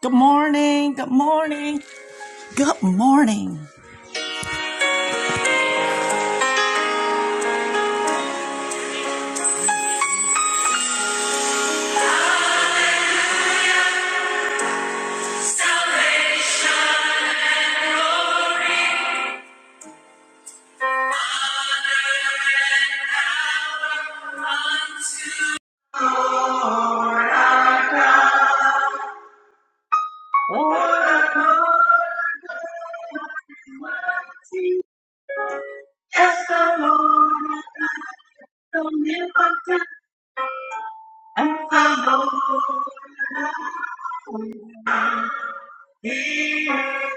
Good morning. Good morning. Good morning. Salvation is the Lord, the omnipotent and the Lord. He is.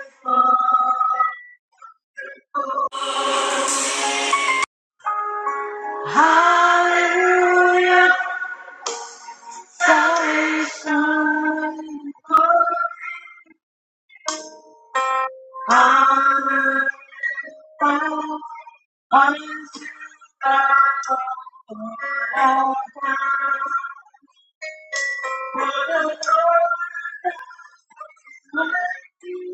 Hallelujah. Salvation. Honor. bow Unto God. Forever. What a Lord.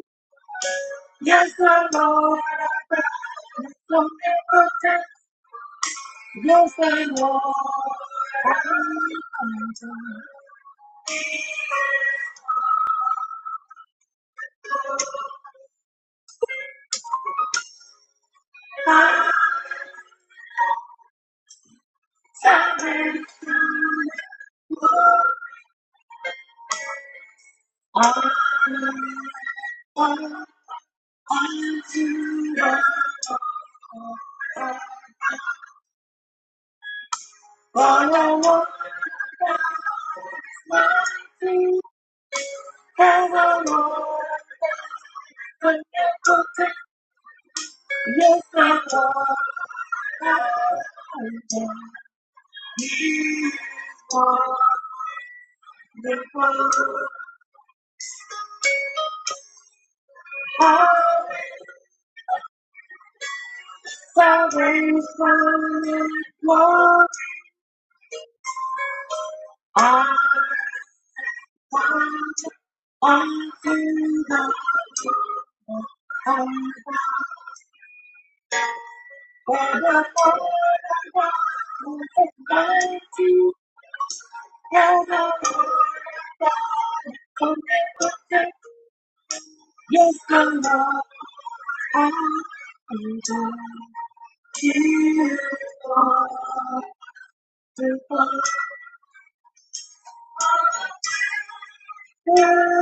Yes, the Lord, I found some important. Yes, the Lord, I found my salvation. All unto the all I want is my feet. And the Lord, some important. Yes, the Lord, I found my salvation. All the Lord, I Southern Smiling Walk. I want to I feel the I'm the Lord is going to where the Lord God will take. Yes, the Lord, I am to you. Lord, the Lord. Thank you.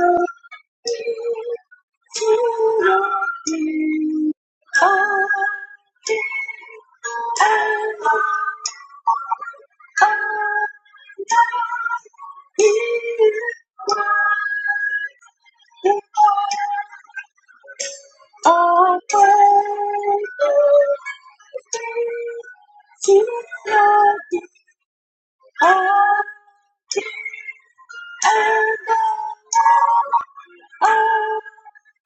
Oh,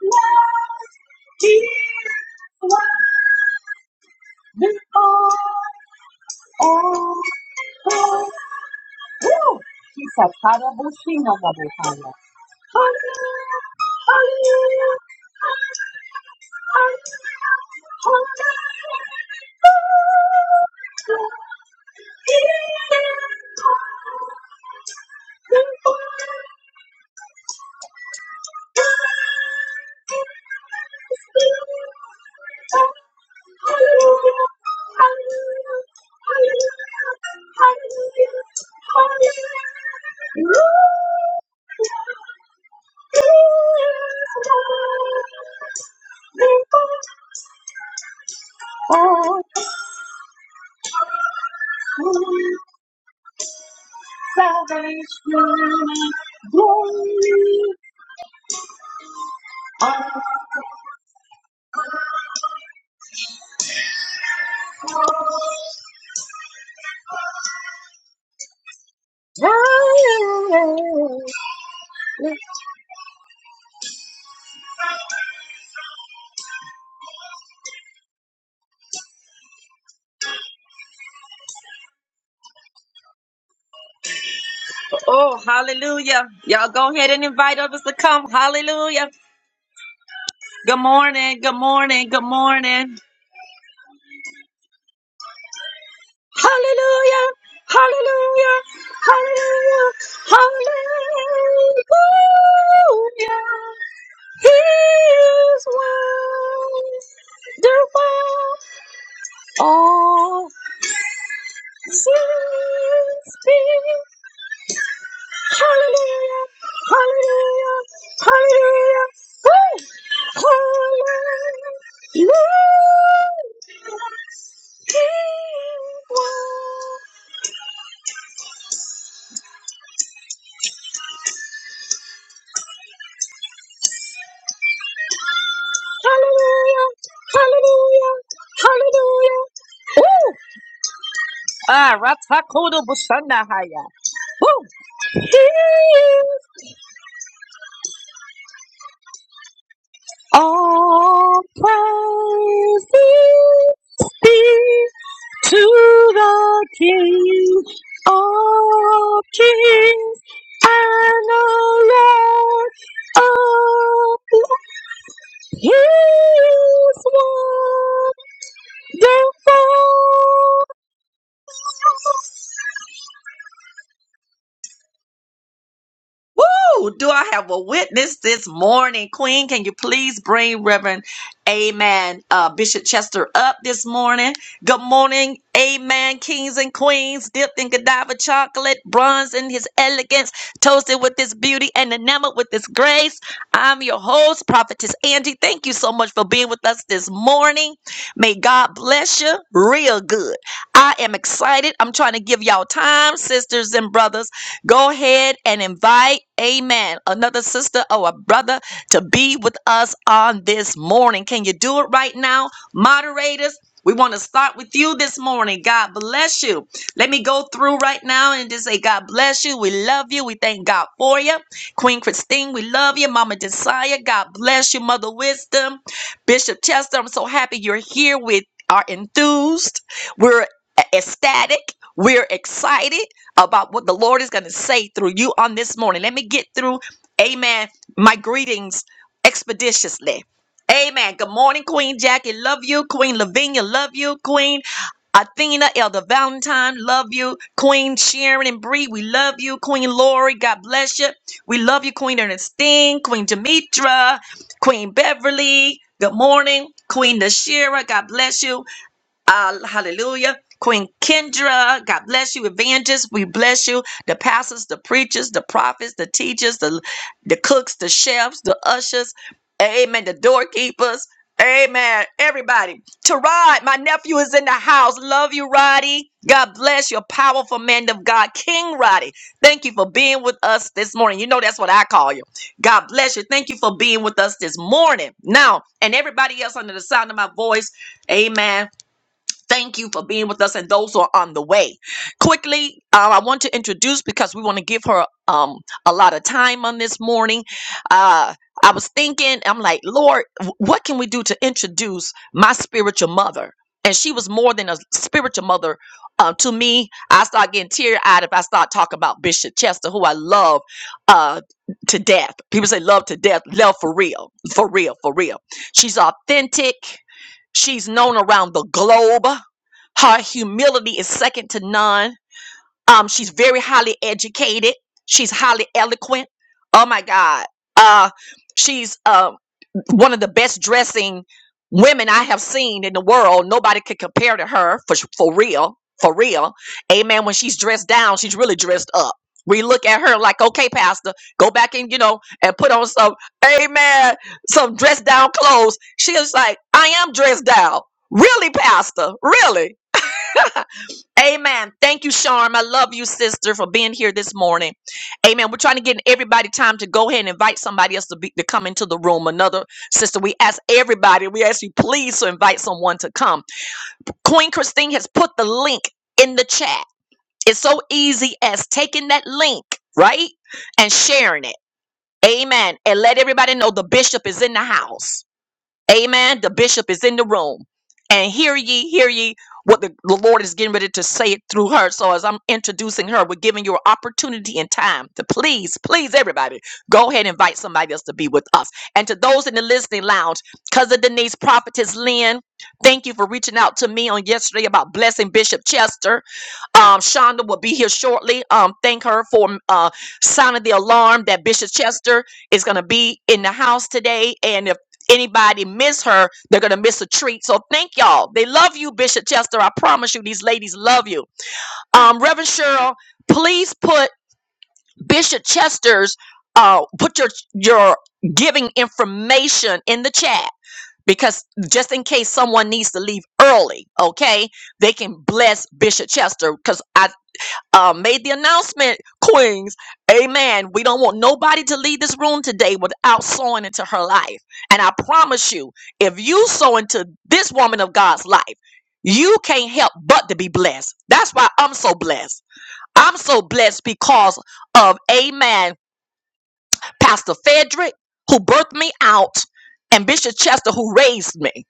my dear wonderful. Oh, oh, woo. She's a terrible singer. Hallelujah, hallelujah, hallelujah, hallelujah. Dear wonderful. Salvation, glory, and Oh, hallelujah. Y'all go ahead and invite others to come. Hallelujah. Good morning. Good morning. Good morning. Hallelujah. Hallelujah. Hallelujah. Hallelujah. He is wonderful. All things being. Hallelujah. Hallelujah. Hallelujah. Oh, he is Hallelujah. Hallelujah. Hallelujah. Ooh. Ah, Ratakodo Bushandahaya. Woo! All praise be to the King of Kings and the Lord of Lords. He is wonderful. Woo! Do I have a witness this morning, Queen? Can you please bring Reverend Amen uh, Bishop Chester up this morning? Good morning, Amen, kings and queens, dipped in Godiva chocolate, bronze in his elegance, toasted with his beauty and enamored with his grace. I'm your host, Prophetess Angie. Thank you so much for being with us this morning. May God bless you real good. I am excited. I'm trying to give y'all time, sisters and brothers. Go ahead and invite, amen, another sister or a brother to be with us on this morning. Can you do it right now, moderators? We want to start with you this morning. God bless you. Let me go through right now and just say, God bless you. We love you. We thank God for you. Queen Christine, we love you. Mama Desire, God bless you. Mother Wisdom, Bishop Chester, I'm so happy you're here. We are enthused. We're e-, ecstatic. We're excited about what the Lord is going to say through you on this morning. Let me get through, amen, my greetings expeditiously. Amen. Good morning, Queen Jackie. Love you. Queen Lavinia. Love you. Queen Athena, Elder Valentine. Love you. Queen Sharon and Bree. We love you. Queen Lori. God bless you. We love you, Queen Ernestine. Queen Demetra. Queen Beverly. Good morning. Queen Nashira. God bless you. Uh, hallelujah. Queen Kendra, God bless you. Evangelists, we bless you. The pastors, the preachers, the prophets, the teachers, the, the cooks, the chefs, the ushers. Amen. The doorkeepers. Amen. Everybody. Terod, my nephew is in the house. Love you, Roddy. God bless you. Powerful man of God, King Roddy. Thank you for being with us this morning. You know that's what I call you. God bless you. Thank you for being with us this morning. Now, and everybody else under the sound of my voice, amen Thank you for being with us and those who are on the way. Quickly, uh, I want to introduce because we want to give her um, a lot of time on this morning. Uh, I was thinking, I'm like, Lord, wh- what can we do to introduce my spiritual mother? And she was more than a spiritual mother uh, to me. I start getting teary eyed if I start talking about Bishop Chester, who I love uh, to death. People say love to death, love for real, for real, for real. She's authentic She's known around the globe. Her humility is second to none. Um, she's very highly educated. She's highly eloquent. Oh my God. Uh, she's um one of the best dressing women I have seen in the world. Nobody could compare to her for for real, for real. Amen. When she's dressed down, she's really dressed up. We look at her like, okay, Pastor, go back and you know and put on some, Amen, some dressed down clothes. She is like, I am dressed down. Really, Pastor? Really? Amen. Thank you, Sharm. I love you, sister, for being here this morning. Amen. We're trying to get everybody time to go ahead and invite somebody else to be to come into the room. Another sister, we ask everybody, we ask you please to invite someone to come. Queen Christine has put the link in the chat. It's so easy as taking that link, right? And sharing it. Amen. And let everybody know the bishop is in the house. Amen. The bishop is in the room. And hear ye, hear ye what the, the Lord is getting ready to say it through her. So as I'm introducing her, we're giving you an opportunity and time to please, please everybody, go ahead and invite somebody else to be with us. And to those in the listening lounge, Cousin Denise, Prophetess Lynn, thank you for reaching out to me on yesterday about blessing Bishop Chester. Um, Shonda will be here shortly. Um, thank her for uh, sounding the alarm that Bishop Chester is going to be in the house today. And if anybody miss her, they're going to miss a treat. So thank y'all. They love you, Bishop Chester. I promise you, these ladies love you. Um, Reverend Cheryl, please put Bishop Chester's uh, put your your giving information in the chat because just in case someone needs to leave early, okay? they can bless Bishop Chester because uh, made the announcement, Queens. Amen. We don't want nobody to leave this room today without sowing into her life. And I promise you, if you sow into this woman of God's life, you can't help but to be blessed. That's why I'm so blessed. I'm so blessed because of Amen, Pastor Frederick, who birthed me out, and Bishop Chester, who raised me.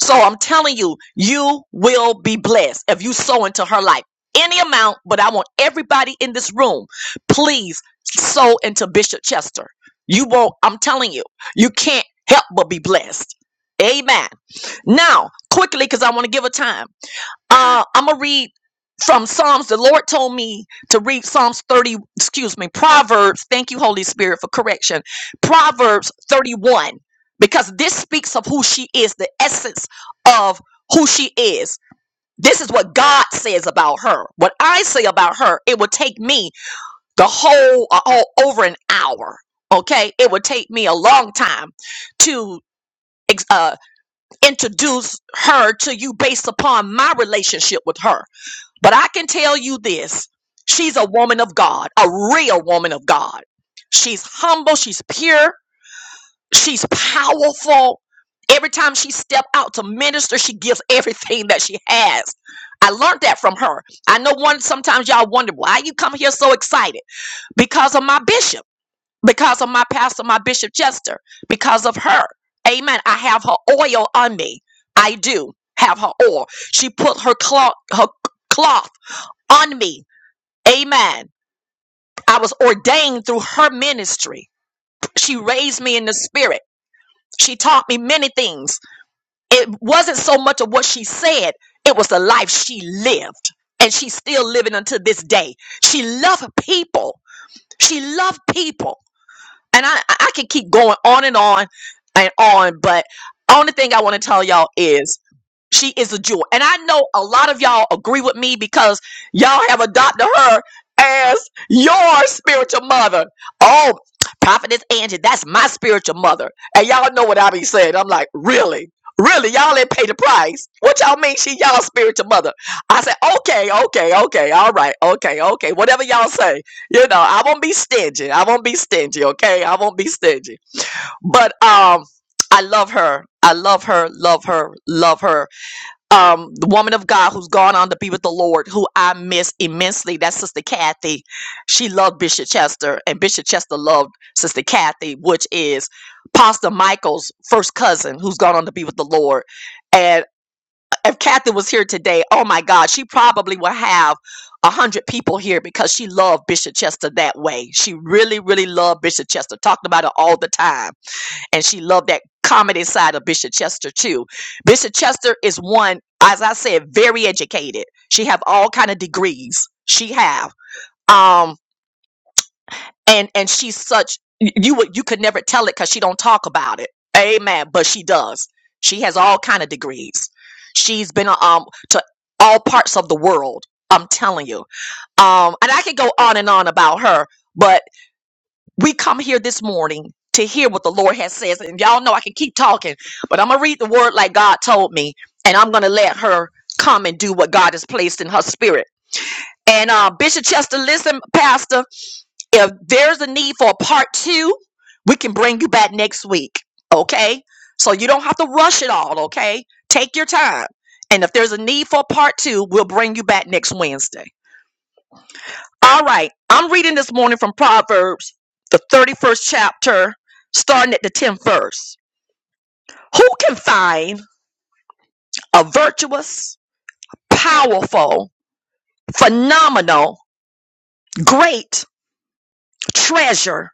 So I'm telling you, you will be blessed if you sow into her life any amount. But I want everybody in this room, please sow into Bishop Chester. You won't, I'm telling you, you can't help but be blessed. Amen. Now, quickly, because I want to give a time. Uh, I'm gonna read from Psalms. The Lord told me to read Psalms 30. Excuse me, Proverbs. Thank you, Holy Spirit, for correction. Proverbs 31, because this speaks of who she is, the essence of who she is. This is what God says about her. What I say about her, it would take me the whole, uh, whole over an hour. Okay, it would take me a long time to ex- uh, introduce her to you based upon my relationship with her but I can tell you this she's a woman of God, a real woman of God. She's humble, she's pure, she's powerful. Every time she step out to minister, she gives everything that she has. I learned that from her. I know one sometimes y'all wonder why you come here so excited because of my bishop, because of my pastor, my bishop Chester, because of her. Amen. I have her oil on me. I do have her oil. She put her cloth, her cloth on me Amen. I was ordained through her ministry. She raised me in the spirit. She taught me many things. It wasn't so much of what she said, it was the life she lived. And she's still living until this day. She loved people. She loved people. And I, I can keep going on and on and on, but only thing I want to tell y'all is She is a jewel. And I know a lot of y'all agree with me because y'all have adopted her as your spiritual mother. Oh, Prophetess Angie, that's my spiritual mother. And y'all know what I be saying. I'm like, really? Really? Y'all ain't pay the price. What y'all mean she y'all spiritual mother? I said, okay, okay, okay, all right, okay, okay. Whatever y'all say. You know, I won't be stingy. I won't be stingy, okay? I won't be stingy. But um, I love her. I love her, love her, love her um, the woman of God who's gone on to be with the Lord, who I miss immensely. That's Sister Kathy. She loved Bishop Chester, and Bishop Chester loved Sister Kathy, which is Pastor Michael's first cousin who's gone on to be with the Lord. And if Kathy was here today, oh my God, she probably would have a hundred people here because she loved Bishop Chester that way. She really, really loved Bishop Chester, talked about it all the time and she loved that comedy side of Bishop Chester too. Bishop Chester is one, as I said, very educated. She have all kind of degrees. She have um and and she's such y- you would you could never tell it because she don't talk about it. Amen. But she does. She has all kind of degrees. She's been um to all parts of the world. I'm telling you. Um, and I could go on and on about her, we come here this morning to hear what the Lord has says. And y'all know I can keep talking, but I'm gonna read the word like God told me, and I'm gonna let her come and do what God has placed in her spirit. And uh, Bishop Chester, listen, Pastor, if there's a need for a part two, we can bring you back next week. Okay, so you don't have to rush it all. Okay, take your time. And if there's a need for a part two, we'll bring you back next Wednesday. All right. I'm reading this morning from Proverbs, the 31st chapter, starting at the 10th verse. Who can find a virtuous, powerful, phenomenal, great treasure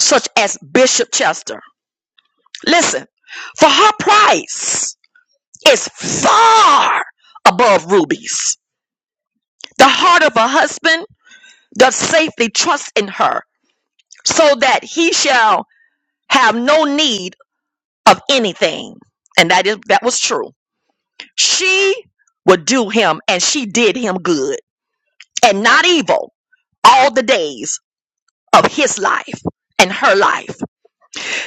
such as Bishop Chester? Listen, for her price is far above rubies. The heart of her husband doth safely trust in her, so that he shall have no need of anything. And that is that was true. She would do him and she did him good and not evil all the days of his life and her life.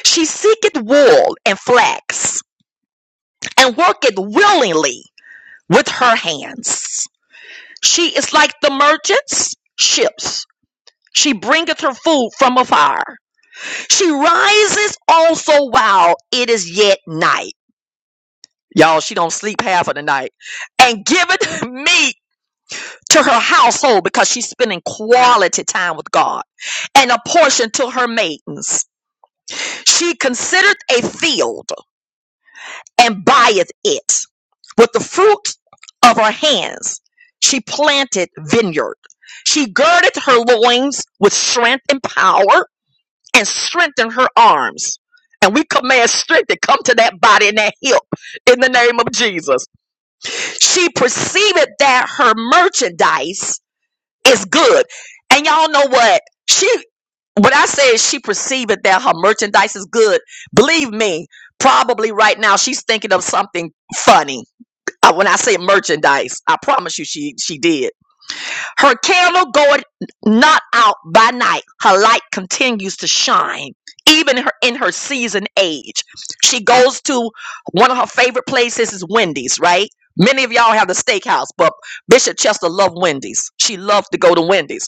She seeketh wool and flax and worketh willingly with her hands. She is like the merchants' ships. She bringeth her food from afar. She rises also while it is yet night. Y'all, she don't sleep half of the night. And giveth me to her household because she's spending quality time with God and a portion to her maidens. She considereth a field and buyeth it. With the fruit of her hands, she planted vineyard. She girded her loins with strength and power and strengthened her arms. And we command strength to come to that body and that hip in the name of Jesus. She perceived that her merchandise It's good. And y'all know what? She when I say she perceived it that her merchandise is good, believe me, probably right now she's thinking of something funny. Uh, when I say merchandise, I promise you she she did. Her candle goeth not out by night. Her light continues to shine. Even her in her season age. She goes to one of her favorite places is Wendy's, right? Many of y'all have the steakhouse, but Bishop Chester loved Wendy's. She loved to go to Wendy's.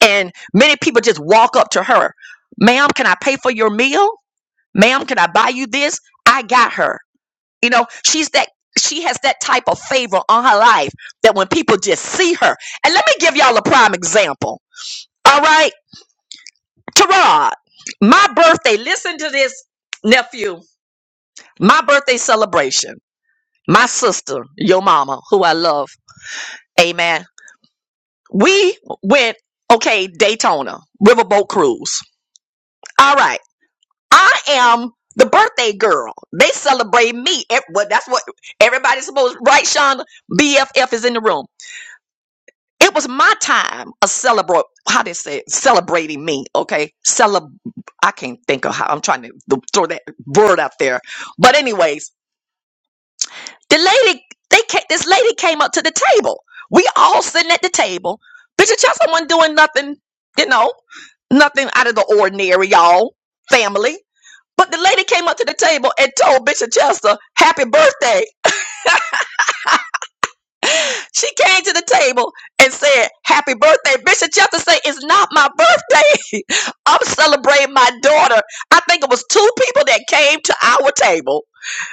And many people just walk up to her, ma'am, can I pay for your meal? Ma'am, can I buy you this? I got her. You know, she's that she has that type of favor on her life that when people just see her. And let me give y'all a prime example. All right. Terod, my birthday, listen to this, nephew. My birthday celebration. My sister, your mama, who I love. Amen. We went, okay, Daytona, riverboat cruise. All right. I am the birthday girl. They celebrate me. Ev- Well, that's what everybody's supposed. Right, Shonda? BFF is in the room. It was my time of celebrate. How they say it? celebrating me? Okay, celeb. I can't think of how. I'm trying to th- throw that word out there. But anyways, the lady, they ca- this lady came up to the table. We all sitting at the table. Bishop Chester wasn't doing nothing. You know, nothing out of the ordinary, y'all. Family. But the lady came up to the table and told Bishop Chester, Happy birthday. She came to the table and said, Happy birthday. Bishop Chester said, It's not my birthday. I'm celebrating my daughter. I think it was two people that came to our table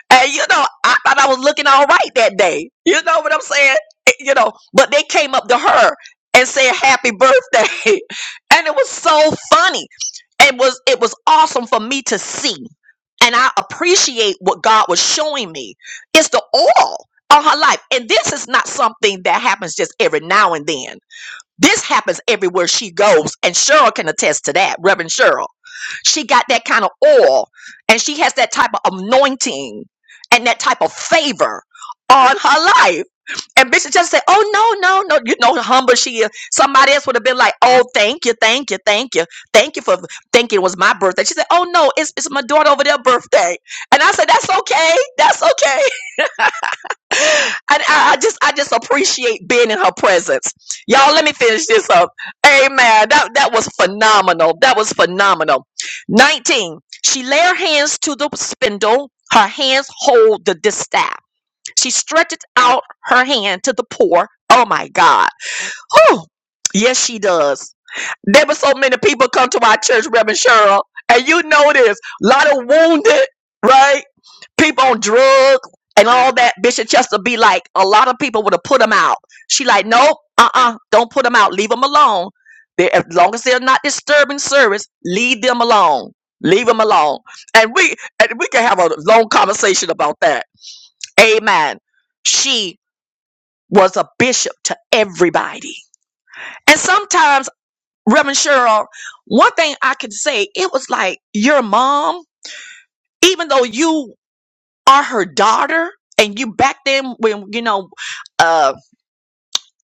And you know, I thought I was looking all right that day. You know what I'm saying? Eh, You know, but they came up to her and said happy birthday. And it was so funny. It was it was awesome for me to see. And I appreciate what God was showing me. It's the oil on her life. And this is not something that happens just every now and then. This happens everywhere she goes, and Cheryl can attest to that, Reverend Cheryl. She got that kind of oil, and she has that type of anointing and that type of favor on her life. And Bishop just said, Oh, no, no, no. You know how humble she is. Somebody else would have been like, Oh, thank you, thank you, thank you. Thank you for thinking it was my birthday. She said, Oh, no, it's, it's my daughter over their birthday. And I said, That's okay. That's okay. And I, I just I just appreciate being in her presence. Y'all, let me finish this up. Amen. That that was phenomenal. That was phenomenal. 19. She lay her hands to the spindle, her hands hold the distaff. She stretches out her hand to the poor. Oh my God. Whew. Yes, she does. There were so many people come to my church, Reverend Cheryl, and you know this. A lot of wounded, right? people on drugs and all that, Bishop Chester be like, a lot of people would have put them out. She like, nope, uh-uh, don't put them out. Leave them alone. They, as long as they're not disturbing service, leave them alone. Leave them alone. And we and we can have a long conversation about that. Amen. She was a bishop to everybody. And sometimes, Reverend Cheryl, one thing I can say, it was like your mom, even though you are her daughter and you back then when you know uh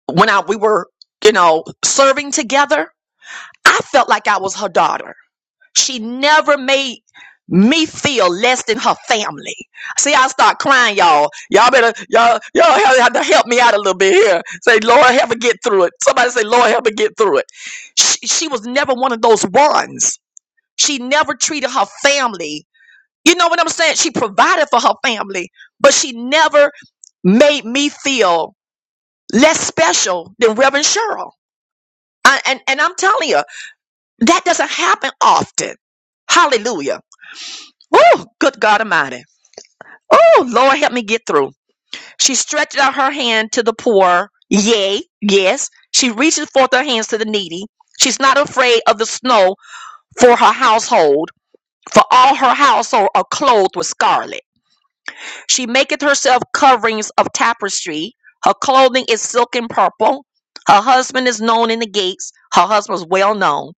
when I we were you know serving together I felt like I was her daughter she never made me feel less than her family see I start crying y'all y'all better y'all y'all have have to help me out a little bit here say Lord help me get through it somebody say Lord help me get through it she, she was never one of those ones she never treated her family you know what I'm saying? She provided for her family, but she never made me feel less special than Reverend Cheryl. I, and, and I'm telling you, that doesn't happen often. Hallelujah. Oh, good God Almighty. Oh, Lord, help me get through. She stretched out her hand to the poor. Yea, yes. She reaches forth her hands to the needy. She's not afraid of the snow for her household, for all her household are clothed with scarlet. She maketh herself coverings of tapestry. Her clothing is silken purple. Her husband is known in the gates. Her husband is well known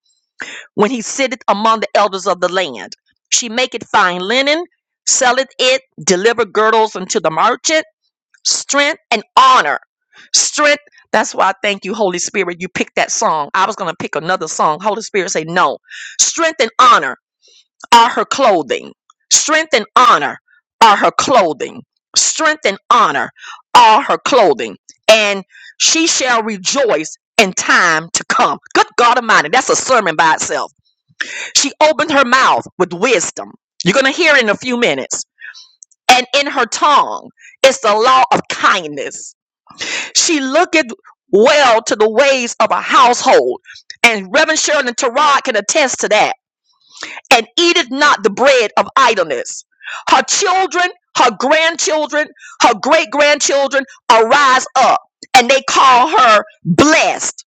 when he sitteth among the elders of the land. She maketh fine linen, selleth it, deliver girdles unto the merchant, strength and honor. Strength, that's why I thank you, Holy Spirit. You picked that song. I was going to pick another song. Holy Spirit say no. Strength and honor are her clothing. Strength and honor are her clothing. Strength and honor are her clothing. And she shall rejoice in time to come. Good God Almighty, that's a sermon by itself. She opened her mouth with wisdom. You're going to hear it in a few minutes. And in her tongue is the law of kindness. She looketh well to the ways of a household. And Reverend Sheridan Tarod can attest to that and eateth not the bread of idleness. Her children, her grandchildren, her great grandchildren arise up and they call her blessed.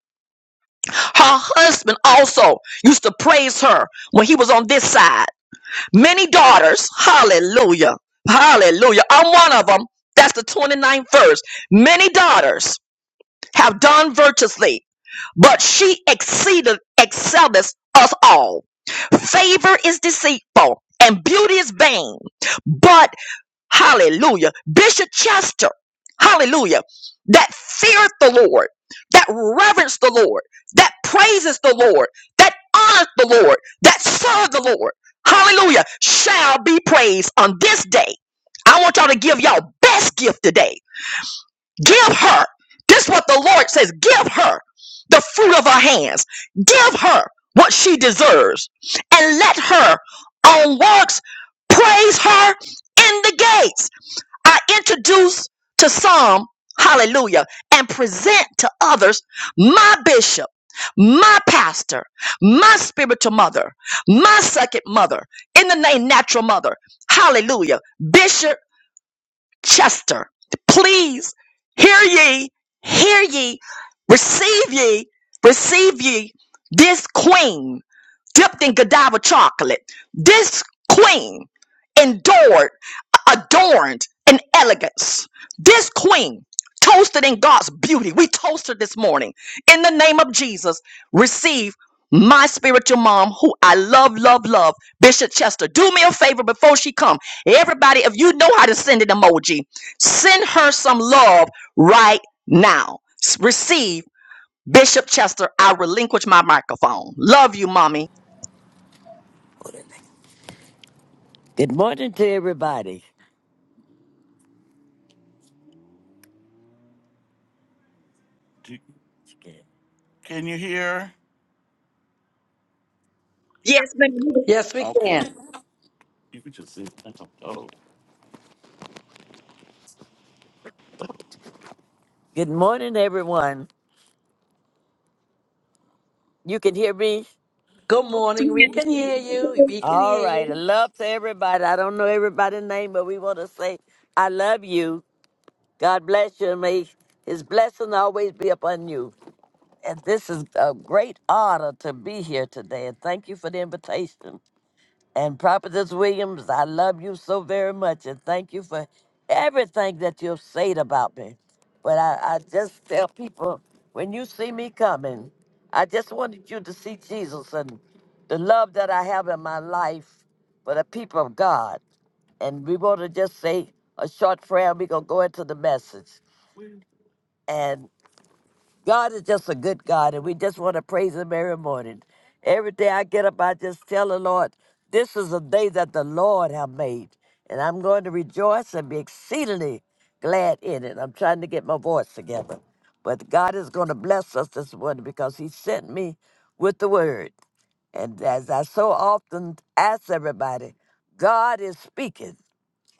Her husband also used to praise her when he was on this side. Many daughters, hallelujah, hallelujah. I'm one of them. That's the twenty ninth verse. Many daughters have done virtuously, but she exceeded excelleth us all. Favor is deceitful and beauty is vain. But hallelujah, Bishop Chester, hallelujah, that feareth the Lord, that reverence the Lord, that praises the Lord, that honors the Lord, that serve the Lord, hallelujah, shall be praised on this day. I want y'all to give y'all best gift today. Give her. This is what the Lord says. Give her the fruit of her hands. Give her what she deserves. And let her on works praise her in the gates. I introduce to some, hallelujah, and present to others my bishop, my pastor, my spiritual mother, my second mother, in the name natural mother, hallelujah, bishop Chester. Please hear ye, hear ye, receive ye, receive ye this queen dipped in Godiva chocolate. This queen endured, adorned in elegance. This queen toasted in God's beauty. We toasted this morning. In the name of Jesus, receive my spiritual mom who I love, love, love, Bishop Chester. Do me a favor before she come. Everybody, if you know how to send an emoji, send her some love right now. S- Receive Bishop Chester. I relinquish my microphone. Love you, mommy. Good morning to everybody. Do- Can you hear? Yes, ma'am. Yes, we Okay. can. You could just sit. That's a- oh. Good morning, everyone. You can hear me? Good morning. We can hear you. We can All hear right. I you. love to everybody. I don't know everybody's name, but we want to say, I love you. God bless you. and May his blessing always be upon you. And this is a great honor to be here today. And thank you for the invitation. And Prophetess Williams, I love you so very much and thank you for everything that you've said about me. But I, I just tell people when you see me coming, I just wanted you to see Jesus and the love that I have in my life for the people of God. And we want to just say a short prayer. We're going to go into the message. God is just a good God, and we just want to praise Him every morning. Every day I get up, I just tell the Lord, This is a day that the Lord have made, and I'm going to rejoice and be exceedingly glad in it. I'm trying to get my voice together. But God is going to bless us this morning because He sent me with the word. And as I so often ask everybody, God is speaking.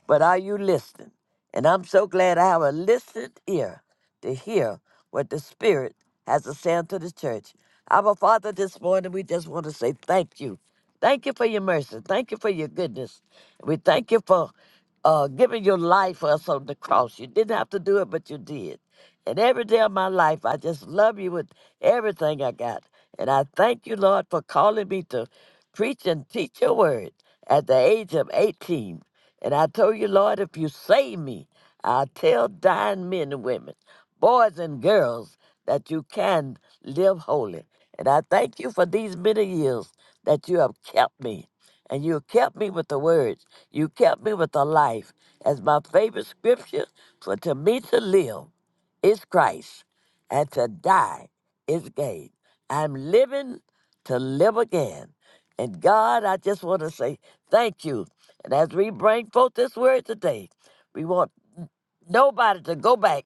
But are you listening? And I'm so glad I have a listening ear to hear what the Spirit has to say unto the church. Our Father, this morning, we just want to say thank you. Thank you for your mercy. Thank you for your goodness. We thank you for uh, giving your life for us on the cross. You didn't have to do it, but you did. And every day of my life, I just love you with everything I got. And I thank you, Lord, for calling me to preach and teach your word at the age of 18. And I told you, Lord, if you save me, I'll tell dying men and women, boys and girls, that you can live holy. And I thank you for these many years that you have kept me. And you kept me with the words. You kept me with the life. As my favorite scripture, for to me to live is Christ, and to die is gain. I'm living to live again. And God, I just want to say thank you. And as we bring forth this word today, we want nobody to go back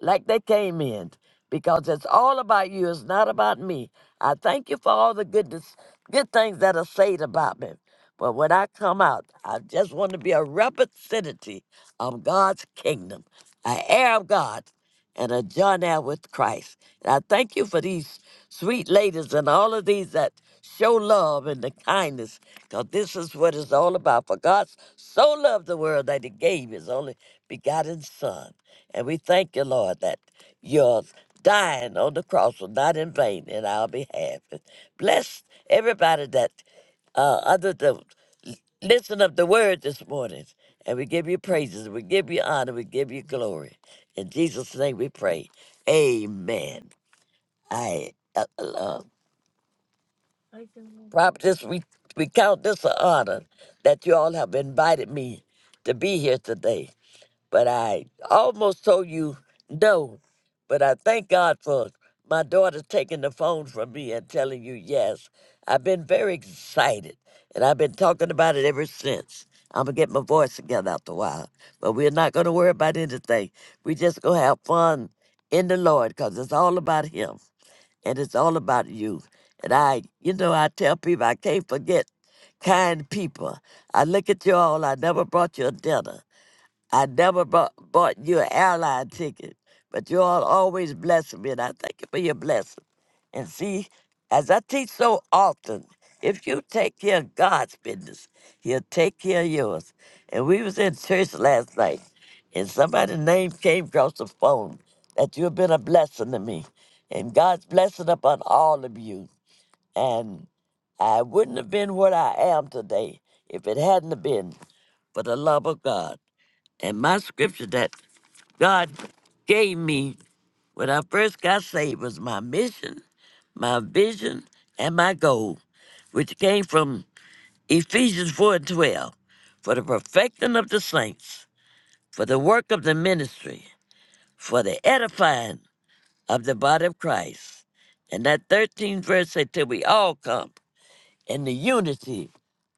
like they came in because it's all about you. It's not about me. I thank you for all the goodness, good things that are said about me. But when I come out, I just want to be a representative of God's kingdom. an heir of God and a John now with Christ. And I thank you for these sweet ladies and all of these that show love and the kindness, because this is what it's all about. For God so loved the world that he gave his only begotten Son. And we thank you, Lord, that your dying on the cross was not in vain in our behalf. And Bless everybody that uh, under the listen of the word this morning. And we give you praises, we give you honor, we give you glory. In Jesus' name we pray. Amen. I uh, uh, prophetess, we, we count this an honor that you all have invited me to be here today but I almost told you no. But I thank God for my daughter taking the phone from me and telling you yes. I've been very excited, and I've been talking about it ever since. I'm gonna get my voice together after a while, but we're not gonna worry about anything. we are just gonna have fun in the Lord, cause it's all about Him and it's all about you. And I, you know, I tell people I can't forget kind people. I look at you all. I never brought you a dinner. I never bought, bought you an airline ticket, but you all always bless me, and I thank you for your blessing. And see, as I teach so often, if you take care of God's business, He'll take care of yours. And we was in church last night, and somebody's name came across the phone that you've been a blessing to me, and God's blessing upon all of you. And I wouldn't have been what I am today if it hadn't have been for the love of God. And my scripture that God gave me when I first got saved was my mission, my vision, and my goal, which came from Ephesians 4 and 12, for the perfecting of the saints, for the work of the ministry, for the edifying of the body of Christ. And that 13th verse said, till we all come in the unity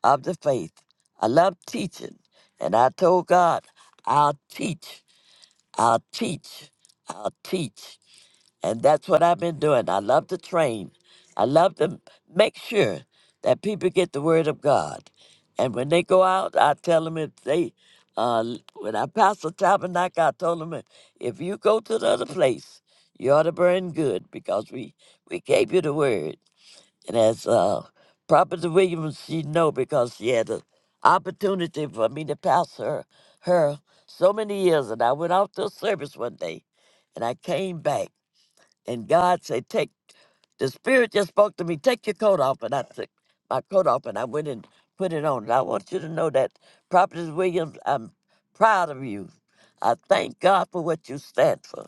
of the faith. I love teaching. And I told God, I'll teach, I'll teach, I'll teach. And that's what I've been doing. I love to train. I love to make sure that people get the word of God. And when they go out, I tell them if they, uh, when I passed the tabernacle, I told them if you go to the other place, you ought to burn good because we, we gave you the word. And as uh, Prophet Williams, she know because she had an opportunity for me to pass her, her so many years. And I went out to a service one day and I came back and God said, Take the spirit just spoke to me, take your coat off. And I took my coat off and I went and put it on. And I want you to know that, Prophetess Williams, I'm proud of you. I thank God for what you stand for.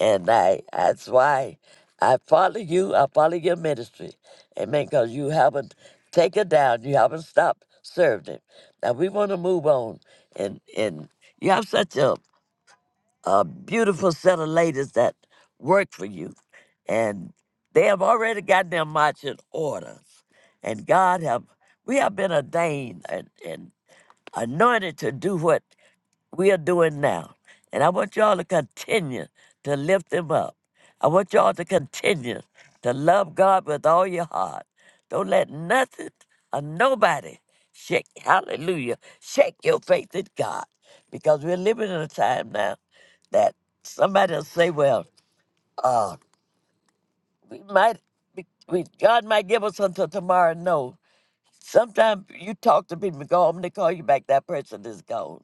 And I that's why I follow you, I follow your ministry. Amen. Because you haven't taken down, you haven't stopped serving. Now we want to move on. And and you have such a a beautiful set of ladies that work for you. And they have already gotten their marching orders. And God have we have been ordained and, and anointed to do what we are doing now. And I want y'all to continue to lift them up. I want y'all to continue to love God with all your heart. Don't let nothing or nobody shake, hallelujah, shake your faith in God. Because we're living in a time now that somebody will say, well, uh, we might, we- God might give us until tomorrow. No, Sometimes you talk to people, go home, they call you back, that person is gone.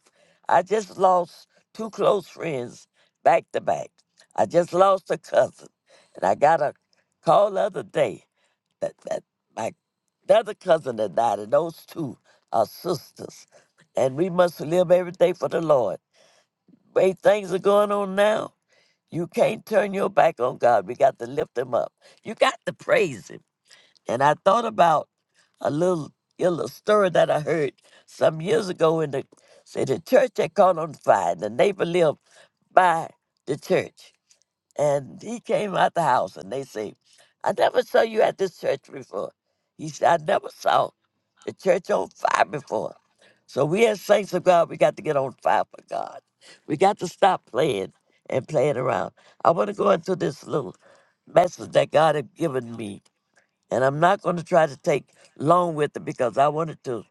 I just lost two close friends back to back. I just lost a cousin. And I got a call the other day that, that my other cousin had died, and those two are sisters. And we must live every day for the Lord. Way things are going on now, you can't turn your back on God. We got to lift him up. You got to praise him. And I thought about a little, a little story that I heard some years ago in the say the church had caught on fire. and The neighbor lived by the church. And he came out the house and they say, I never saw you at this church before. He said, I never saw the church on fire before. So we as saints of God, we got to get on fire for God. We got to stop playing and playing around. I want to go into this little message that God had given me and I'm not going to try to take long with it because I wanted to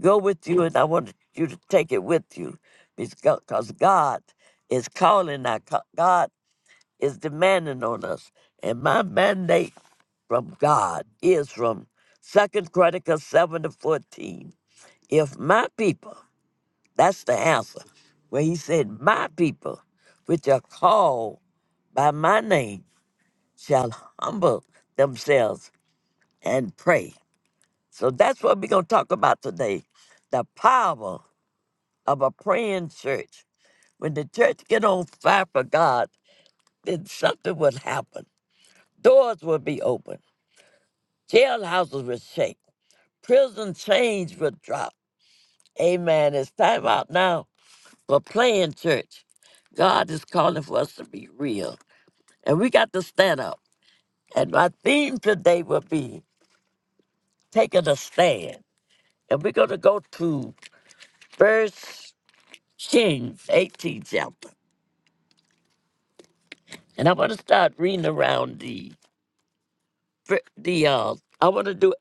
go with you and I wanted you to take it with you because God is calling. Our, co- God is demanding on us. And my mandate from God is from Second Chronicles 7 to 14. If my people, that's the answer, where he said, My people, which are called by my name, shall humble themselves and pray So that's what we're going to talk about today. The power of a praying church. When the church get on fire for God, then something would happen. Doors would be open. Jailhouses would shake. Prison chains would drop. Amen. It's time out now for playing church. God is calling for us to be real. And we got to stand up. And my theme today will be taking a stand. And we're going to go to First Kings 18 chapter. and I want to start reading around the fir- the uh. I want to do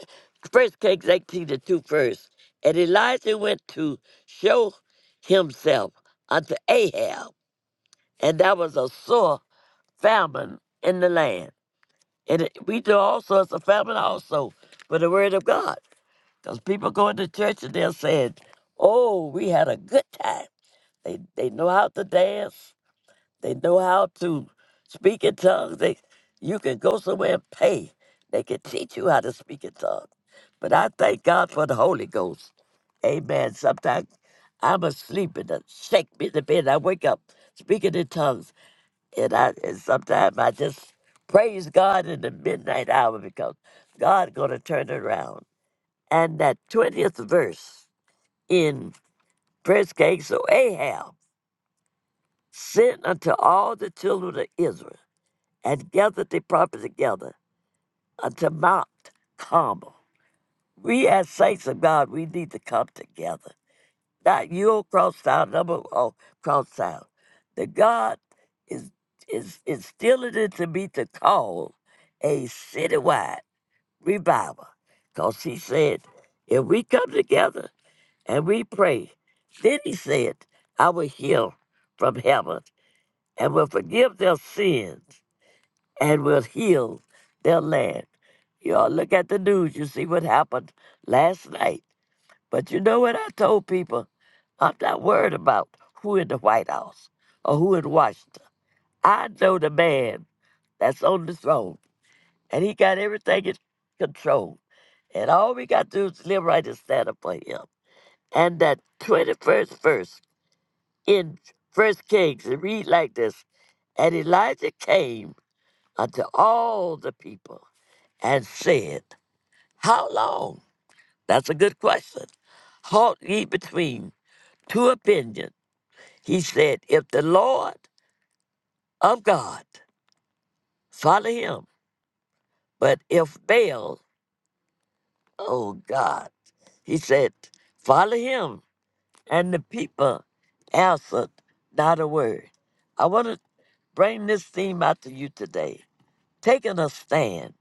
first Kings eighteen and two first. And Elijah went to show himself unto Ahab, and there was a sore famine in the land. And it, we do all sorts of famine also for the word of God, because people go into church and they're saying, "Oh, we had a good time." They they know how to dance. They know how to speak in tongues. They, you can go somewhere and pay. They can teach you how to speak in tongues. But I thank God for the Holy Ghost. Amen. Sometimes I'm asleep and it shake me in the bed. I wake up speaking in tongues. And I and sometimes I just praise God in the midnight hour because God gonna turn it around. And that 20th verse in First King, so Ahab sent unto all the children of Israel and gathered the prophets together unto Mount Carmel. We as saints of God, we need to come together. Not you oh, cross out, number oh cross out. The God is is instilling into me to call a citywide revival. Cause he said, if we come together and we pray, then he said, I will heal from heaven and will forgive their sins and will heal their land. Y'all look at the news, you see what happened last night. But you know what I told people? I'm not worried about who in the White House or who in Washington. I know the man that's on the throne, and he got everything in control. And all we got to do is live right and stand up for him. And that 21st verse in First Kings, it read like this And Elijah came unto all the people and said, How long? That's a good question. Halt ye between two opinions. He said, If the Lord of God, follow him. But if Baal, oh God, he said, follow him. And the people answered not a word. I want to bring this theme out to you today. Taking a stand.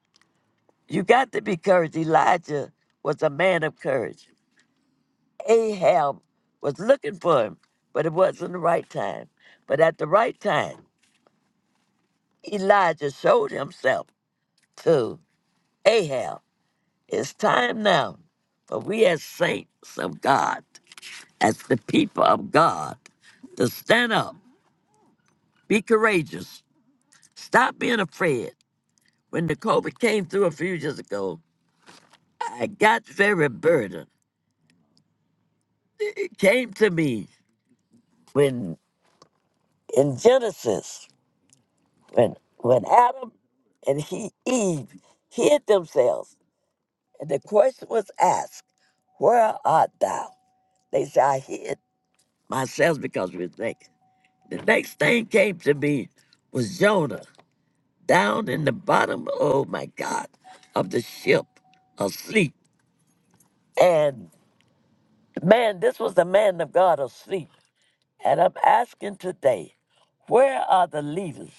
You got to be courage. Elijah was a man of courage. Ahab was looking for him, but it wasn't the right time. But at the right time, Elijah showed himself to Ahab. It's time now for we as saints of God, as the people of God, to stand up, be courageous, stop being afraid. When the COVID came through a few years ago, I got very burdened. It came to me when in Genesis. When when Adam and he Eve hid themselves, and the question was asked, Where art thou? They said, I hid myself because we was naked. The next thing came to me was Jonah down in the bottom, oh my God, of the ship asleep. And man, this was the man of God asleep. And I'm asking today, where are the leaders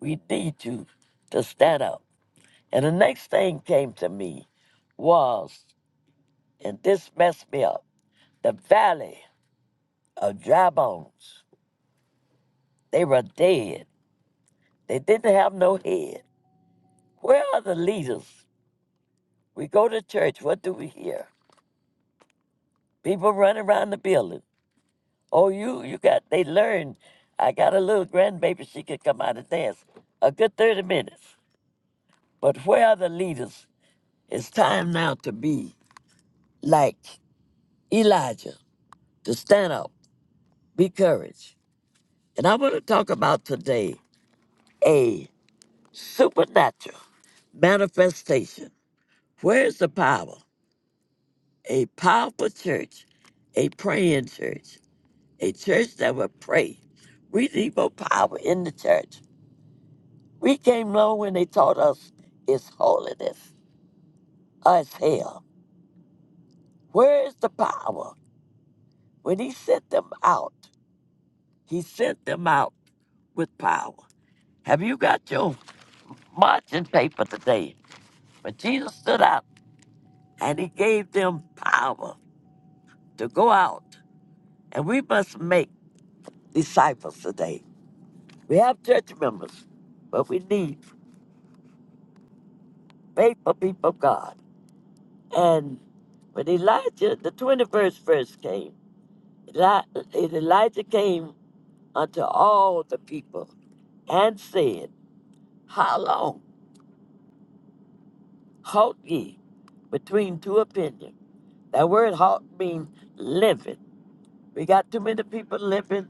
we need to to stand up? And the next thing came to me was, and this messed me up, the valley of dry bones. They were dead. They didn't have no head. Where are the leaders? We go to church, what do we hear? People run around the building. Oh, you, you got, they learned. I got a little grandbaby, she could come out and dance a good 30 minutes. But where are the leaders? It's time now to be like Elijah, to stand up, be courage And I want to talk about today a supernatural manifestation. Where is the power? A powerful church, a praying church, a church that will pray. We need more power in the church. We came low when they taught us it's holiness, us hell. Where is the power? When he sent them out, he sent them out with power. Have you got your marching paper today? When Jesus stood out, and he gave them power to go out. And we must make disciples today. We have church members, but we need faithful people of God. And when Elijah, the 21st verse came, Eli- Elijah came unto all the people and said, How long halt ye between two opinions? That word halt means living. We got too many people living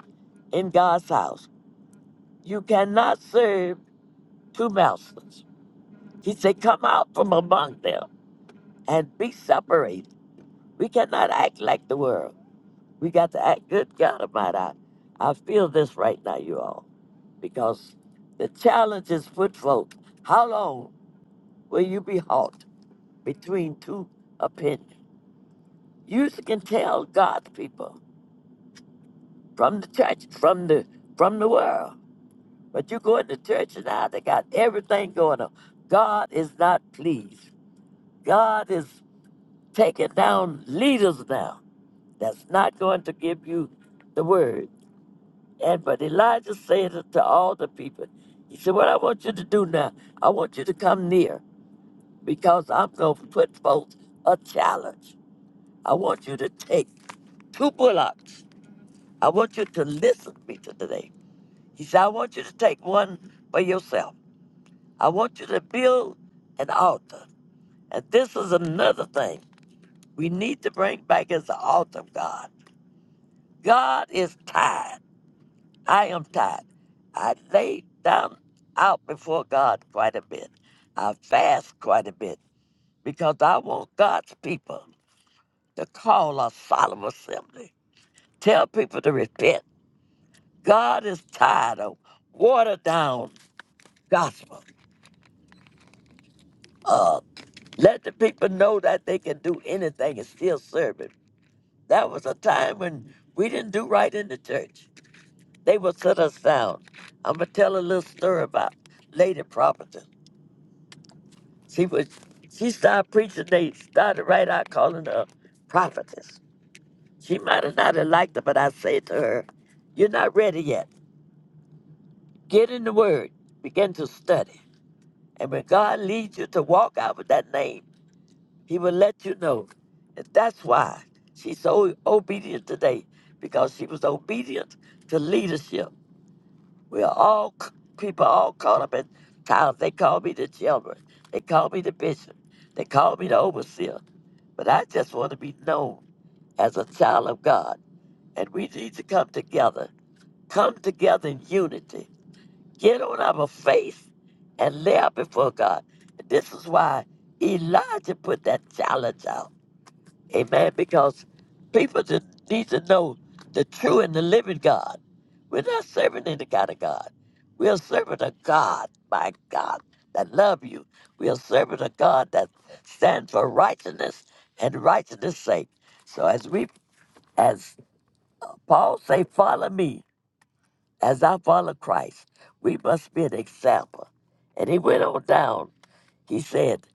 in God's house. You cannot serve two mountains. He said, Come out from among them and be separated. We cannot act like the world. We got to act good God Almighty. I, I feel this right now, you all, because the challenge is put forth. How long will you be halt between two opinions? You can tell God's people from the church, from the from the world. But you go in the church and now they got everything going on. God is not pleased. God is taking down leaders now that's not going to give you the word. And but Elijah said it to all the people, he said, What I want you to do now, I want you to come near because I'm going to put forth a challenge. I want you to take two bullocks. I want you to listen to me today. He said, I want you to take one for yourself. I want you to build an altar. And this is another thing we need to bring back as the altar of God God is tired. I am tired. I lay down out before God quite a bit. I fast quite a bit because I want God's people to call a solemn assembly. Tell people to repent. God is tired of watered down gospel. Uh, let the people know that they can do anything and still serve Him. That was a time when we didn't do right in the church. They will set us down. I'm gonna tell a little story about Lady Prophetess. She was she started preaching. They started right out calling her prophetess. She might have not have liked it, but I said to her, "You're not ready yet. Get in the Word. Begin to study. And when God leads you to walk out with that name, He will let you know. And that's why she's so obedient today, because she was obedient to leadership We are all c- people all caught up in titles. They call me the chairman. They call me the bishop. They call me the overseer. But I just want to be known as a child of God. And we need to come together. Come together in unity. Get on our face and lay out before God. And This is why Elijah put that challenge out. Amen. Because people just need to know the true and the living God. We're not serving any kind of God. We are serving a God, my God, that love you. We are serving a God that stands for righteousness and righteousness' sake. So as we, as Paul say, follow me as I follow Christ. We must be an example. And he went on down. He said,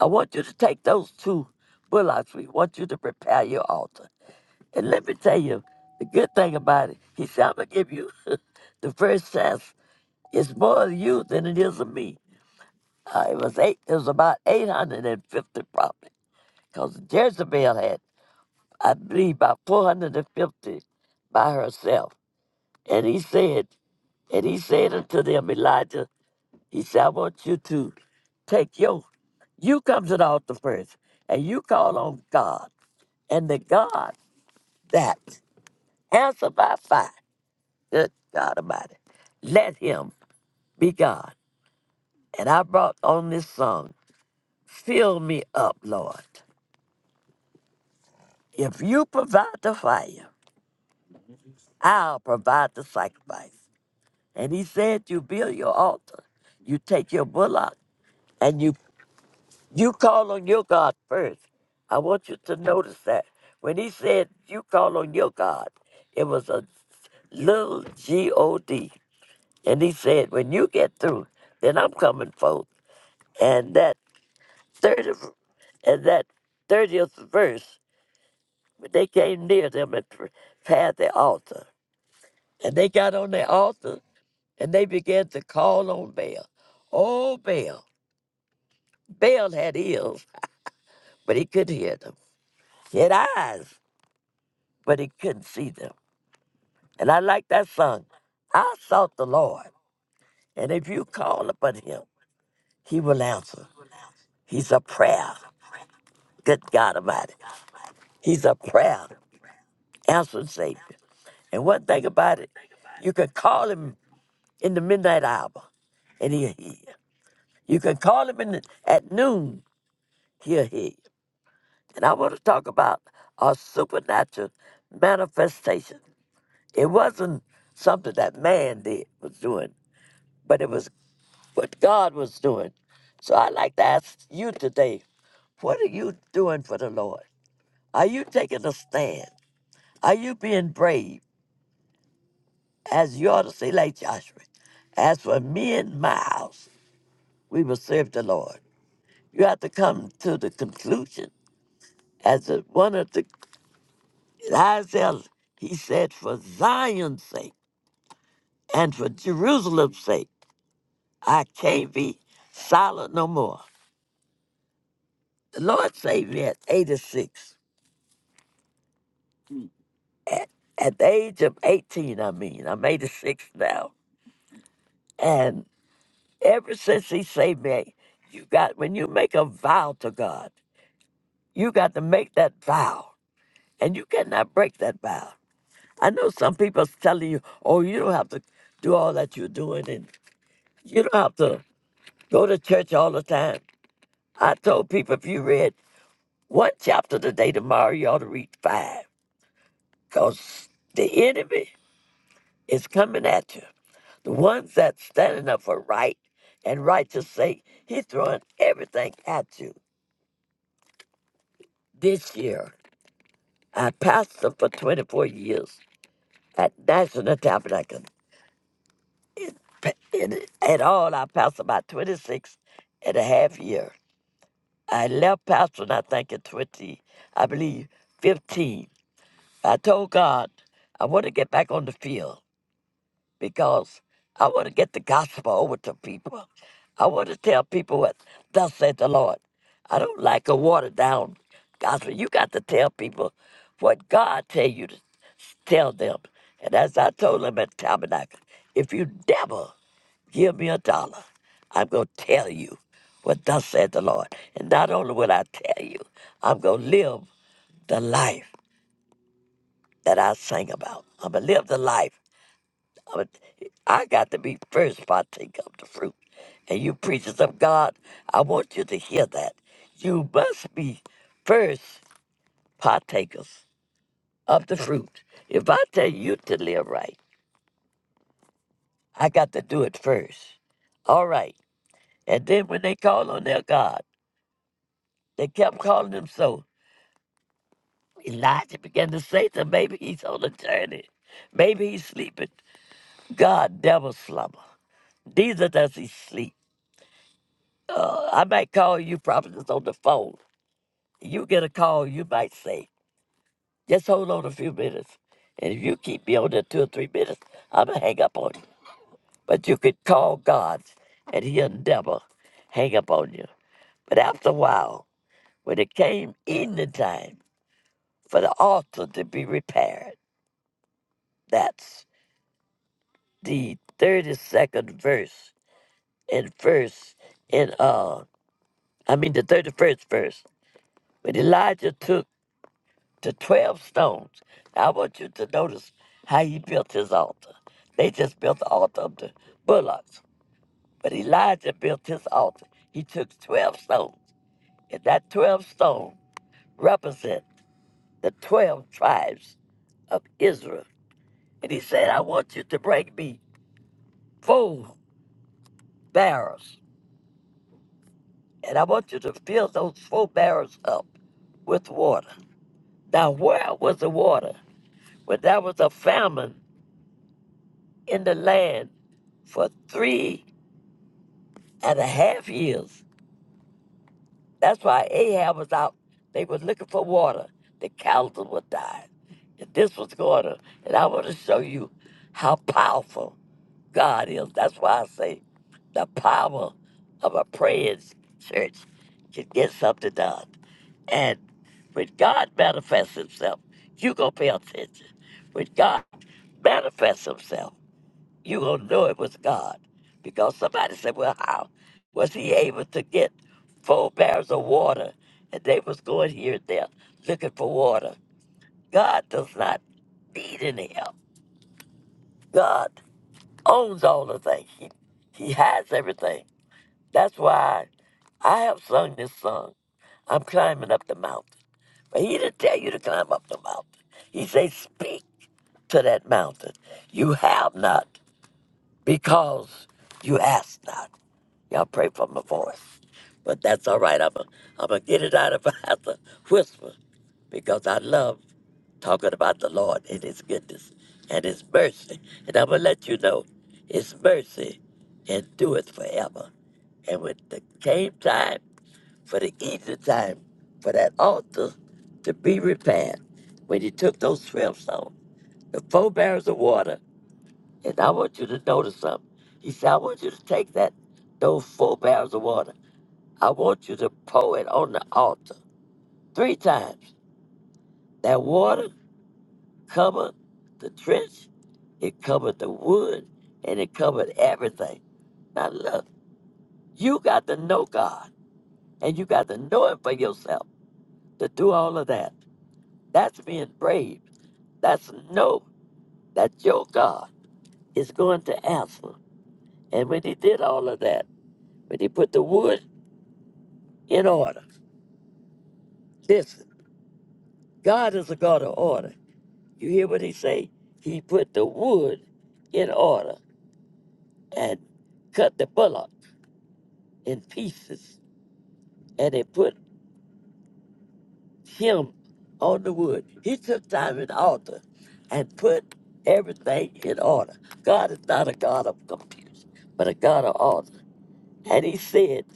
I want you to take those two bullocks. We want you to prepare your altar. And let me tell you, the good thing about it, he said, I'm going to give you the first test. It's more of you than it is of me. Uh, it was eight. It was about 850 probably, because Jezebel had, I believe, about 450 by herself. And he said, and he said unto them, Elijah, he said, I want you to take your, you come to the altar first, and you call on God, and the God that answer by fire. Good God Almighty. Let him be God. And I brought on this song, Fill Me Up, Lord. If you provide the fire, I'll provide the sacrifice. And he said, You build your altar, you take your bullock, and you, you call on your God first. I want you to notice that. When he said, You call on your God, it was a little G O D. And he said, When you get through, then I'm coming forth. And that third of, and that thirtieth verse, when they came near them and pr- passed the altar, and they got on the altar and they began to call on Baal. Oh, Baal! Baal had ears, but he couldn't hear them. He had eyes, but he couldn't see them. And I like that song. I sought the Lord, and if you call upon Him, He will answer. He's a prayer. Good God Almighty, He's a prayer answer, Savior. And one thing about it, you can call him in the midnight hour and he'll hear. you. You can call him in the, at noon, he'll hear. you. And I want to talk about a supernatural manifestation. It wasn't something that man did was doing, but it was what God was doing. So I'd like to ask you today, what are you doing for the Lord? Are you taking a stand? Are you being brave? As you ought to say, like Joshua, as for me and my house, we will serve the Lord. You have to come to the conclusion. As a, one of the Isaiah, he said, for Zion's sake and for Jerusalem's sake, I can't be silent no more. The Lord saved me at 86. At, at the age of 18, I mean, I'm 86 now. And ever since he saved me, you got, when you make a vow to God, you got to make that vow. And you cannot break that vow. I know some people is telling you, oh, you don't have to do all that you're doing and you don't have to go to church all the time. I told people if you read one chapter today, tomorrow you ought to read five because the enemy is coming at you. The ones that standing up for right and righteous sake, he's throwing everything at you. This year, I pastored for 24 years at National Tabernacle. It, in, at all, I passed about 26 and a half and year. I left pastoring, I think, in 20, I believe, 15. I told God I want to get back on the field because I want to get the gospel over to people. I want to tell people what thus said the Lord. I don't like a watered down gospel. You got to tell people what God tell you to tell them. And as I told them at Tabernacle, if you never give me a dollar. I'm going to tell you what thus said the Lord. And not only will I tell you, I'm going to live the life that I sang about. I'm going to live the life. I'm gonna, I got to be first partake of the fruit. And you preachers of God, I want you to hear that. You must be first partakers of the fruit. If I tell you to live right, I got to do it first. All right. And then when they call on their God, They kept calling him so. Elijah began to say to him, maybe he's on a journey. Maybe he's sleeping. God never slumber. Neither does he sleep. Uh, I might call you probably just on the phone. You get a call, you might say, just hold on a few minutes. And if you keep me on there two or three minutes, I'm going to hang up on you. But you could call God and he'll never hang up on you. But after a while, when it came evening time for the altar to be repaired, that's the 32nd verse and verse in uh I mean the 31st verse when Elijah took the 12 stones. I want you to notice how he built his altar. They just built the altar of the bullocks, but Elijah built his altar. He took 12 stones, and that 12 stone represent the 12 tribes of Israel. And he said, I want you to bring me full barrels and I want you to fill those four barrels up with water. Now, where was the water? When there was a famine in the land for three and a half years. That's why Ahab was out. They were looking for water. The cows were dying. And this was going on. And I want to show you how powerful God is. That's why I say the power of a praying church can get something done. And when God manifests himself, you going to pay attention. When God manifests himself, you going to know it was God. Because somebody said, well, how was he able to get four barrels of water? And they was going here and there looking for water. God does not need any help. God owns all the things. He, he has everything. That's why I have sung this song. I'm climbing up the mountain. But he didn't tell you to climb up the mountain. He said, Speak to that mountain. You have not because you ask not. Y'all pray for my voice. But that's all right. I'm going I'm to get it out if I have to whisper because I love talking about the Lord and His goodness and His mercy. And I'm going to let you know His mercy endureth forever. And when the came time, for the easy time for that altar to be repaired when he took those strips on the four barrels of water. And I want you to notice something. He said, I want you to take that those four barrels of water. I want you to pour it on the altar three times. That water covered the trench, it covered the wood, and it covered everything. Now look, you got to know God, and you got to know Him for yourself to do all of that. That's being brave. That's no, that your God is going to answer. And when he did all of that, when he put the wood in order, listen, God is a God of order. You hear what he say? He put the wood in order and cut the bullock in pieces and he put him on the wood. He took time in the altar and put everything in order. God is not a God of confusion, but a God of order. And he said,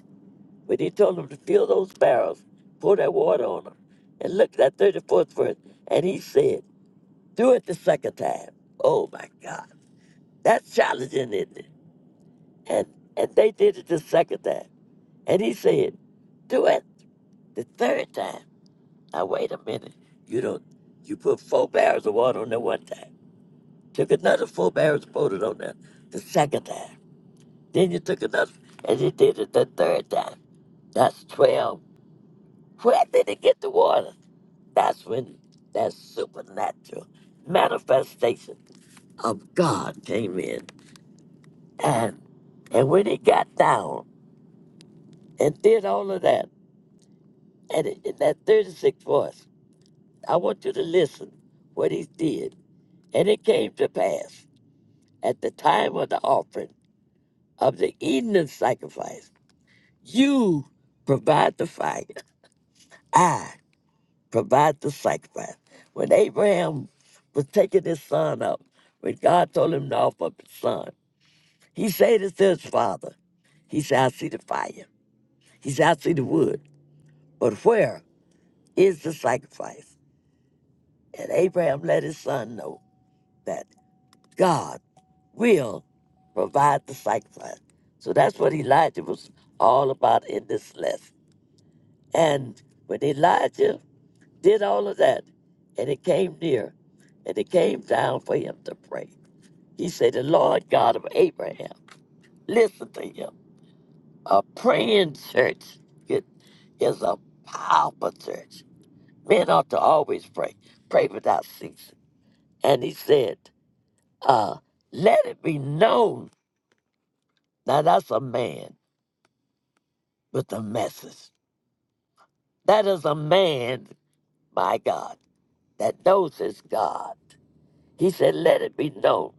when he told him to fill those barrels, pour that water on them. And look at that 34th verse. And he said, Do it the second time. Oh my God. That's challenging, isn't it? And and they did it the second time. And he said, Do it the third time. Now wait a minute. You don't you put four barrels of water on there one time. Took another four barrels and poured it on there the second time. Then you took another and you did it the third time. That's twelve. Where did he get the water? That's when that supernatural manifestation of God came in. And and when he got down and did all of that, and in in that 36th verse, I want you to listen what he did. And it came to pass at the time of the offering of the evening sacrifice, you provide the fire, I provide the sacrifice. When Abraham was taking his son up, when God told him to offer up his son, He said it to his father. He said, I see the fire. He said, I see the wood. But where is the sacrifice? And Abraham let his son know that God will provide the sacrifice. So that's what Elijah was all about in this lesson. And when Elijah did all of that, and it came near, and it came down for him to pray, he said, The Lord God of Abraham, listen to him A praying church it is a powerful church. Men ought to always pray, pray without ceasing. And he said, uh, let it be known. Now that's a man with a message. That is a man, my God, that knows his God. He said, let it be known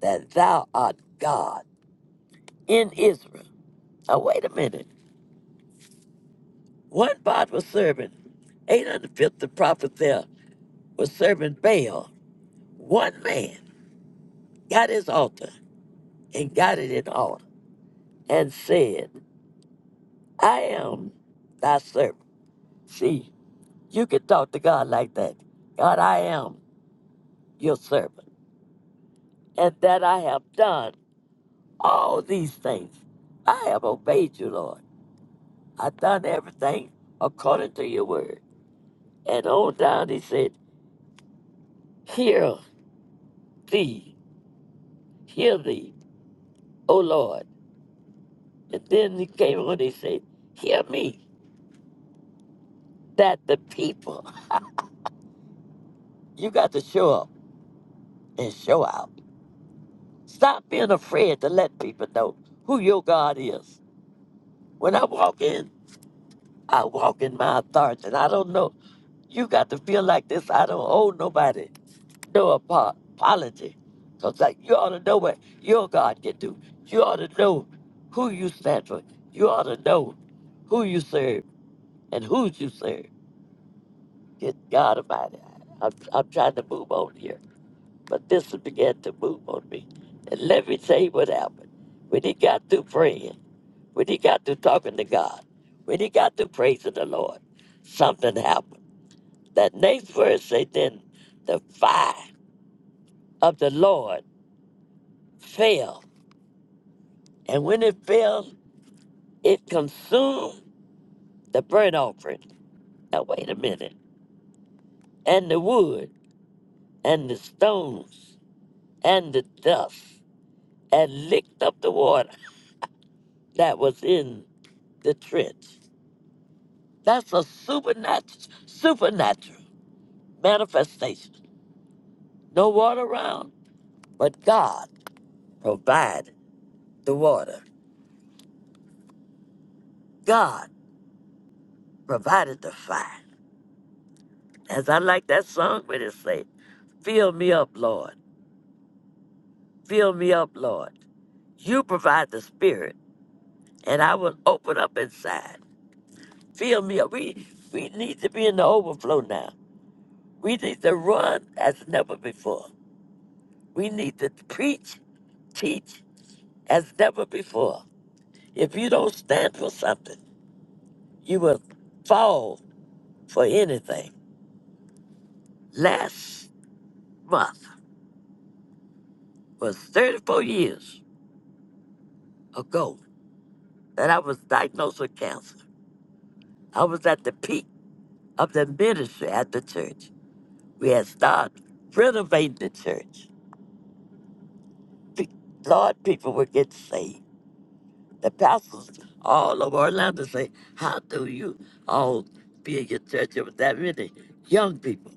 that thou art God in Israel. Now wait a minute. One part was serving 850 prophets there was serving Baal. One man. got his altar and got it in order and said, I am thy servant. See, you can talk to God like that. God, I am your servant, and that I have done all these things. I have obeyed you, Lord. I've done everything according to your word. And on down he said, Hear thee, hear thee, O Lord. And then he came on and he said, Hear me, that the people, you got to show up and show out Stop being afraid to let people know who your God is. When I walk in, I walk in my authority. And I don't know. You got to feel like this. I don't owe nobody no apo- apology. Because like, you ought to know what your God can do. You ought to know who you stand for. You ought to know who you serve and whose you serve. Good God Almighty. I'm, I'm trying to move on here. But this began to move on me. And let me tell you what happened. When he got through praying, When he got to talking to God, when he got to praising the Lord, something happened. That next verse say, then the fire of the Lord fell. And when it fell, it consumed the burnt offering. Now wait a minute. And the wood and the stones and the dust and licked up the water that was in the trench. That's a supernatural supernatural manifestation. No water around, but God. provide the water. God provided the fire. As I like that song when it say, Fill me up, Lord. Fill me up, Lord. You provide the spirit, and I will open up inside. Fill me up. We we need to be in the overflow now. We need to run as never before. We need to preach, teach as never before. If you don't stand for something, you will fall for anything. Last month, was 34 years ago that I was diagnosed with cancer. I was at the peak of the ministry at the church. We had started renovating the church. Pe- Lord, people were getting saved. The pastors all over Orlando say, how do you all be in your church with that many young people?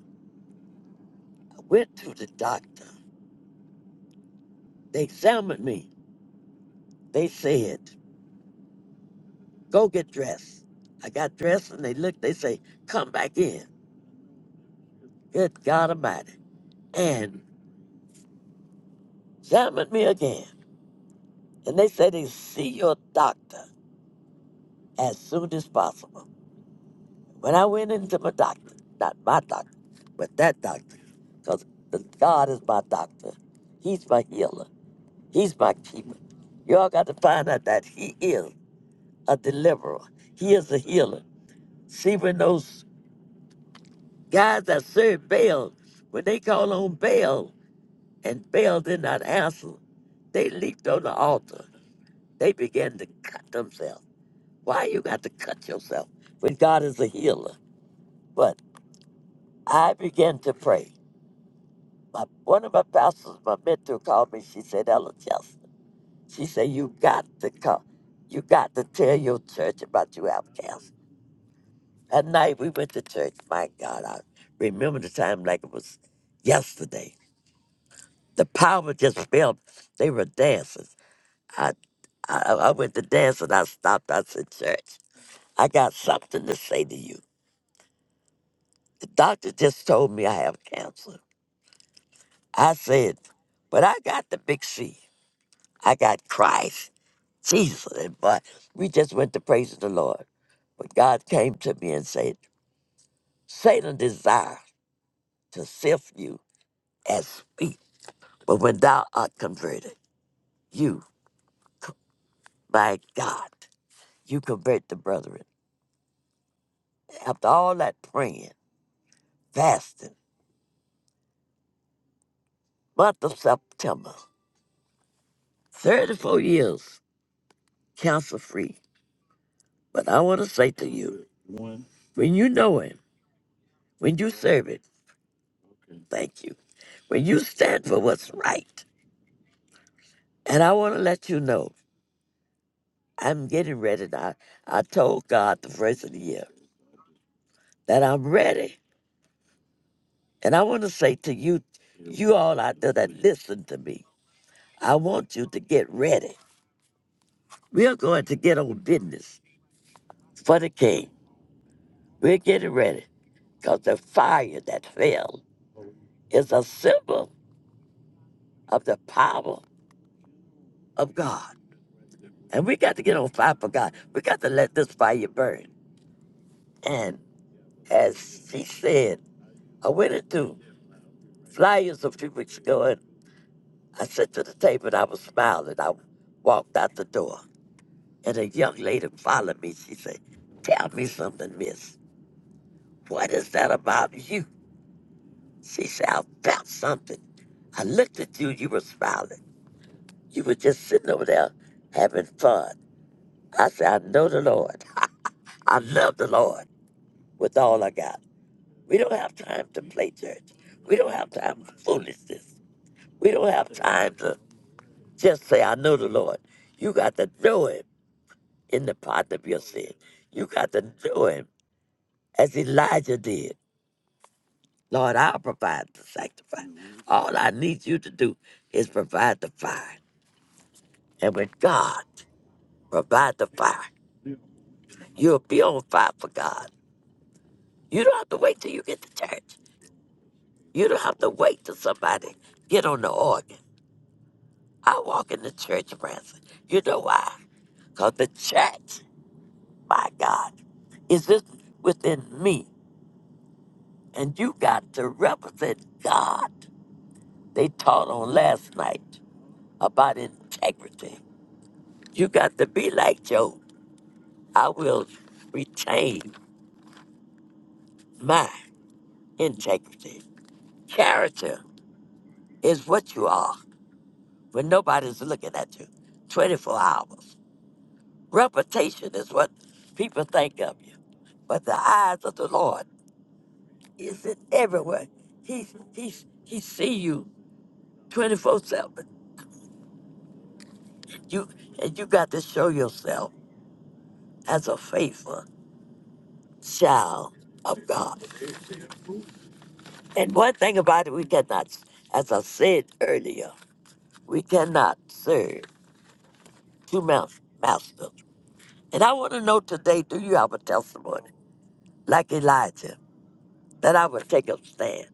I went to the doctor. They examined me. They said, go get dressed. I got dressed and they looked, they say, come back in. Good God Almighty. and examined me again. And they said they see your doctor as soon as possible. When I went into my doctor, not my doctor, but that doctor, because God is my doctor. He's my healer. He's my keeper. Y'all got to find out that he is a deliverer. He is a healer. See, when those guys that served Baal, when they called on Baal and Baal did not answer, they leaped on the altar. They began to cut themselves. Why you got to cut yourself when God is a healer? But I began to pray. My, one of my pastors, my mentor, called me. She said, Ella Chester. She said, you got to come. You got to tell your church about you have cancer. That night we went to church. My God, I remember the time like it was yesterday. The power just felt. They were dancing. I, I, I went to dance and I stopped. I said, church, I got something to say to you. The doctor just told me I have cancer. I said, but I got the big C. I got Christ, Jesus. And but we just went to praise the Lord. But God came to me and said, Satan desires to sift you as wheat. But when thou art converted, you, my God, you convert the brethren. After all that praying, fasting, month of September, 34 years, cancer free. But I want to say to you, One. when you know Him, when you serve Him, thank you. When you stand for what's right, and I want to let you know, I'm getting ready now. I told God the first of the year that I'm ready, and I want to say to you, you all out there that listen to me, I want you to get ready. We are going to get on business for the King. We're getting ready because the fire that fell is a symbol of the power of God. And we got to get on fire for God. We got to let this fire burn. And as she said, I went into flyers a few weeks ago and I sat to the table and I was smiling. I walked out the door and a young lady followed me. She said, Tell me something, miss. What is that about you? She said, I felt something. I looked at you, you were smiling. You were just sitting over there having fun. I said, I know the Lord. I love the Lord with all I got. We don't have time to play church. We don't have time for foolishness. We don't have time to just say, I know the Lord. You got to know him in the part of your sin. You got to know him as Elijah did. Lord, I'll provide the sacrifice. All I need you to do is provide the fire. And when God provide the fire, you'll be on fire for God. You don't have to wait till you get to church. You don't have to wait till somebody get on the organ. I walk in the church, Branson. You know why? Because the church, my God, is just within me. And you got to represent God. They taught on last night about integrity. You got to be like Job. I will retain my integrity. Character is what you are when nobody's looking at you 24 hours. Reputation is what people think of you but the eyes of the Lord. It's in everywhere. He he he see you twenty four seven. You and you got to show yourself as a faithful child of God. And one thing about it, we cannot, as I said earlier, we cannot serve two mouth masters. And I want to know today, do you have a testimony like Elijah that I would take a stand?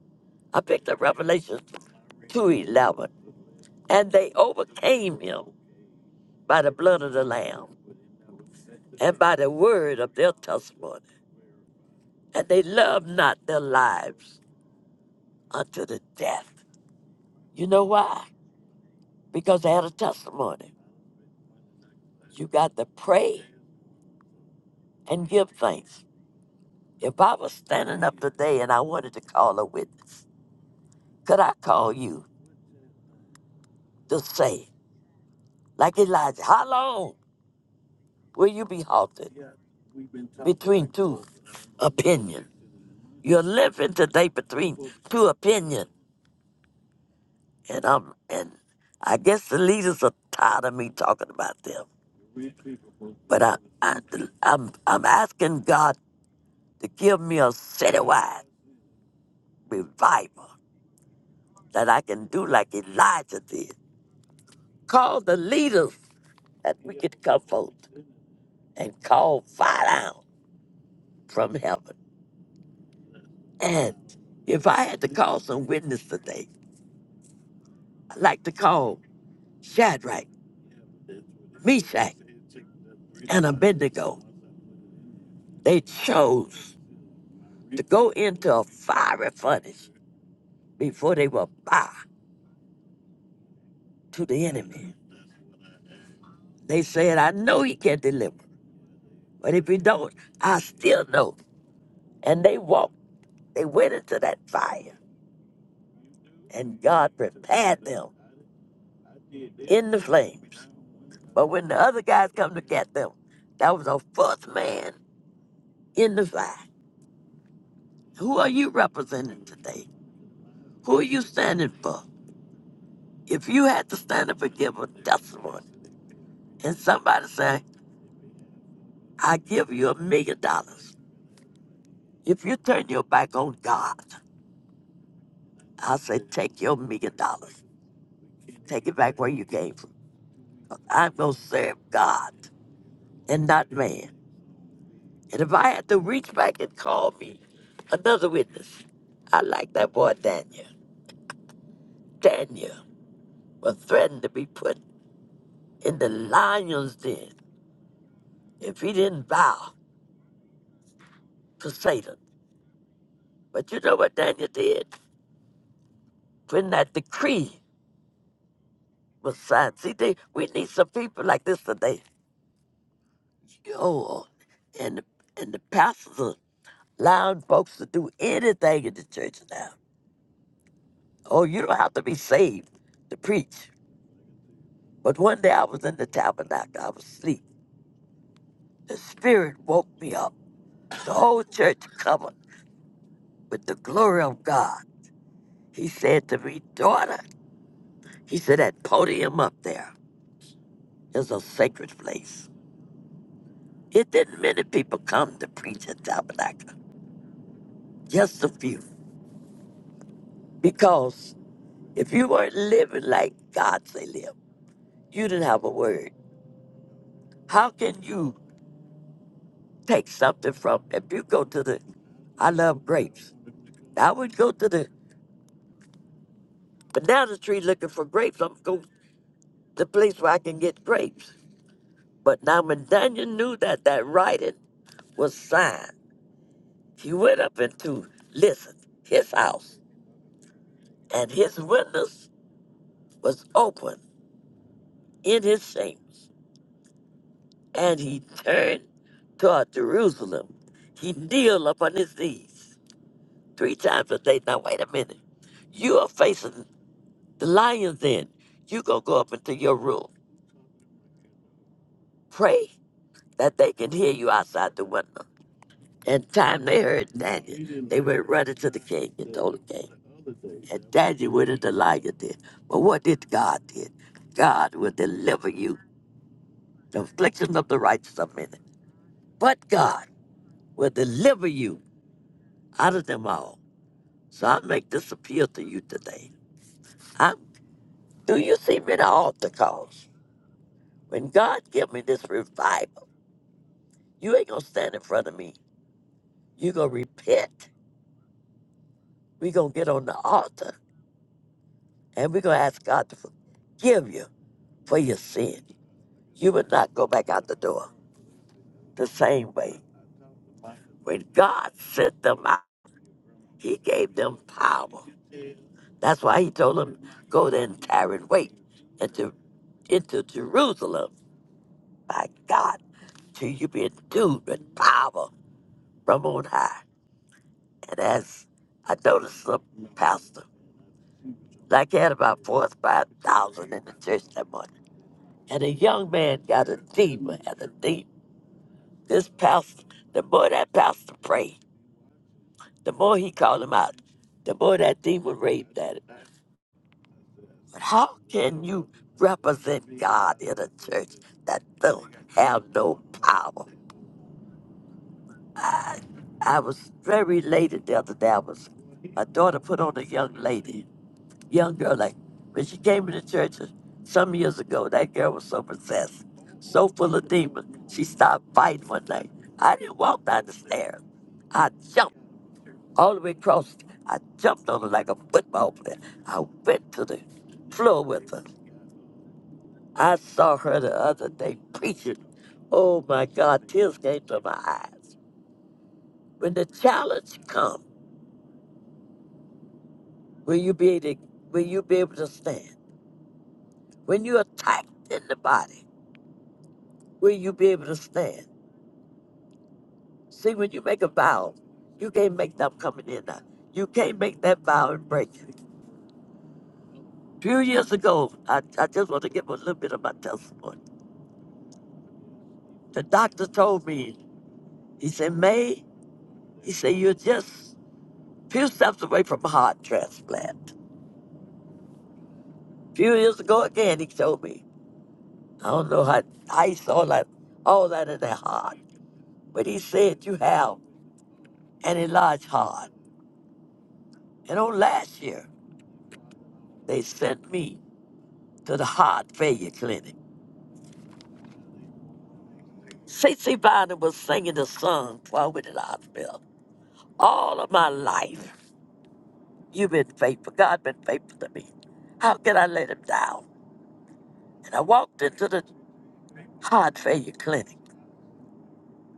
I picked up Revelation two eleven, and they overcame him by the blood of the Lamb and by the word of their testimony. And they loved not their lives unto the death. You know why? Because they had a testimony. You got to pray and give thanks. If I was standing up today and I wanted to call a witness, could I call you to say, like Elijah, how long will you be halted between two opinions? You're living today between two opinions. And I'm and I guess the leaders are tired of me talking about them. But I, I, I'm, I'm asking God to give me a citywide revival that I can do like Elijah did. Call the leaders that we could come forth and call fire down from heaven. And if I had to call some witness today, I'd like to call Shadrach, Meshach, and Abednego. They chose to go into a fiery furnace before they were bow to the enemy. They said, I know he can deliver. But if he don't, I still know. And they walked. They went into that fire. And God prepared them in the flames. But when the other guys come to get them, that was a fourth man in the fire. Who are you representing today? Who are you standing for? If you had to stand up and give a testimony, and somebody say, I give you a million dollars. If you turn your back on God, I say, take your million dollars. Take it back where you came from. I'm going to serve God and not man. And if I had to reach back and call me another witness, I like that boy Daniel. Daniel was threatened to be put in the lion's den if he didn't bow to Satan. But you know what Daniel did? When that decree was signed. See, they, we need some people like this today. Yo, and, and the pastors are allowing folks to do anything in the church now Oh, you don't have to be saved to preach. But one day I was in the tabernacle, I was asleep. The Spirit woke me up. The whole church covered with the glory of God. He said to me, Daughter, he said, that podium up there is a sacred place. It didn't many people come to preach at tabernacle, just a few. Because if you weren't living like God say live, you didn't have a word. How can you take something from, if you go to the, I love grapes. I would go to the banana tree looking for grapes. I'm go to the place where I can get grapes. But now when Daniel knew that that writing was signed, he went up into listen his house, and his windows was open in his chambers, and he turned toward Jerusalem. He kneeled upon his knees three times a day. Now wait a minute, you are facing the lions. Then you gonna go up into your room, pray, that they can hear you outside the window. And time they heard Daniel, they went running to the king and told the king. And Daniel went into lion did. But what did God did? God will deliver you. The afflictions of the righteous are many. But God will deliver you out of them all. So I make this appeal to you today. I'm, do you see me at the altar calls? When God give me this revival, you ain't gonna stand in front of me. you gonna repent. we gonna get on the altar And we're going to ask God to forgive you for your sin. You would not go back out the door the same way. When God sent them out, He gave them power. That's why He told them, go there and tarry and wait into, into Jerusalem. By God, till you be endued with power from on high. And as I noticed the pastor, like he had about four or five thousand in the church that morning. And a young man got a demon, had a demon. This pastor, the more that pastor prayed, the more he called him out, the more that demon raved at him. But how can you represent God in a church that don't have no power? I, I was very elated the other day. I was, my daughter put on a young lady, young girl, like when she came to the church some years ago, that girl was so possessed, so full of demons. She started fighting one night. I didn't walk down the stairs. I jumped. all the way across. I jumped on her like a football player. I went to the floor with her. I saw her the other day preaching. Oh my God, tears came to my eyes. When the challenge comes, will you be able to, will you be able to stand? When you're attacked in the body, will you be able to stand? See, when you make a vow, you can't make them coming in now. You can't make that vow and break it. A few years ago, I, I just want to give a little bit of my testimony. The doctor told me He said, May, he said, you're just a few steps away from a heart transplant. A few years ago again, he told me, I don't know how, how he saw that, all that in that heart, but he said, you have an enlarged heart. And on last year, they sent me to the heart failure clinic. C. C. Bynum was singing the song while we were in the hospital. All of my life, you've been faithful. God been faithful to me. How can I let him down? And I walked into the heart failure clinic.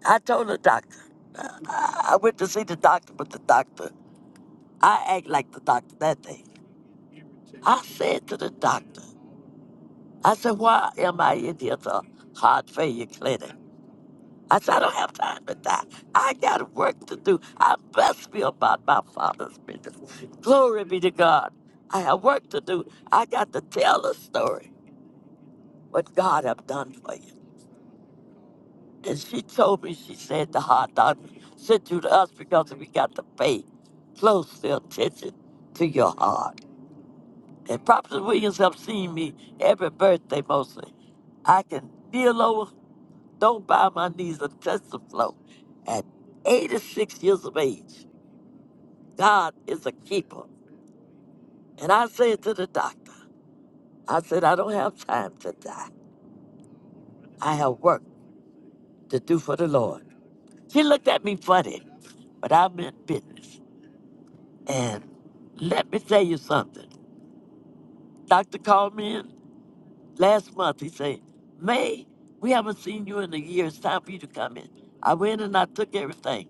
I told the doctor. I I went to see the doctor, but the doctor, I act like the doctor that day. I said to the doctor, I said, why am I in here to heart failure clinic? I said, I don't have time to die. I got work to do. I must be about my father's business. Glory be to God. I have work to do. I got to tell the story, what God have done for you. And she told me, she said, the hot dog sent you to us because we got to pay close attention to your heart. And Prophet Williams have seen me every birthday mostly. I can kneel over, don't bow my knees, and touch the floor. At 86 years of age, God is a keeper. And I said to the doctor, I said, I don't have time to die. I have work to do for the Lord. She looked at me funny, but I meant business. And let me tell you something. Doctor called me in last month. He said, May, we haven't seen you in a year. It's time for you to come in. I went and I took everything.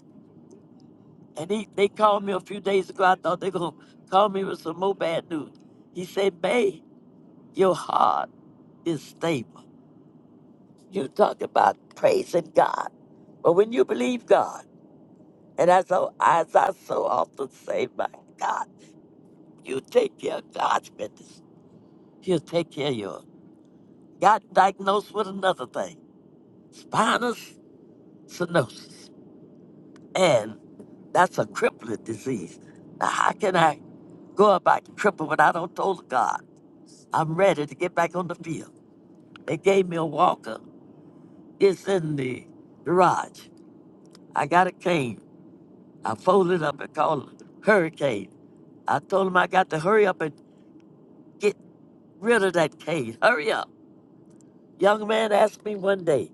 And he, they called me a few days ago. I thought they were going to call me with some more bad news. He said, May, your heart is stable. You talk about praising God. But when you believe God, and as I, as I so often say, my God, you take care of God's business. He'll take care of yours. got diagnosed with another thing spinal stenosis. And that's a crippling disease. Now, how can I go about crippling when I don't told God I'm ready to get back on the field? They gave me a walker. It's in the garage. I got a cane. I folded up and called it Hurricane. I told him I got to hurry up and get rid of that cane. Hurry up. Young man asked me one day,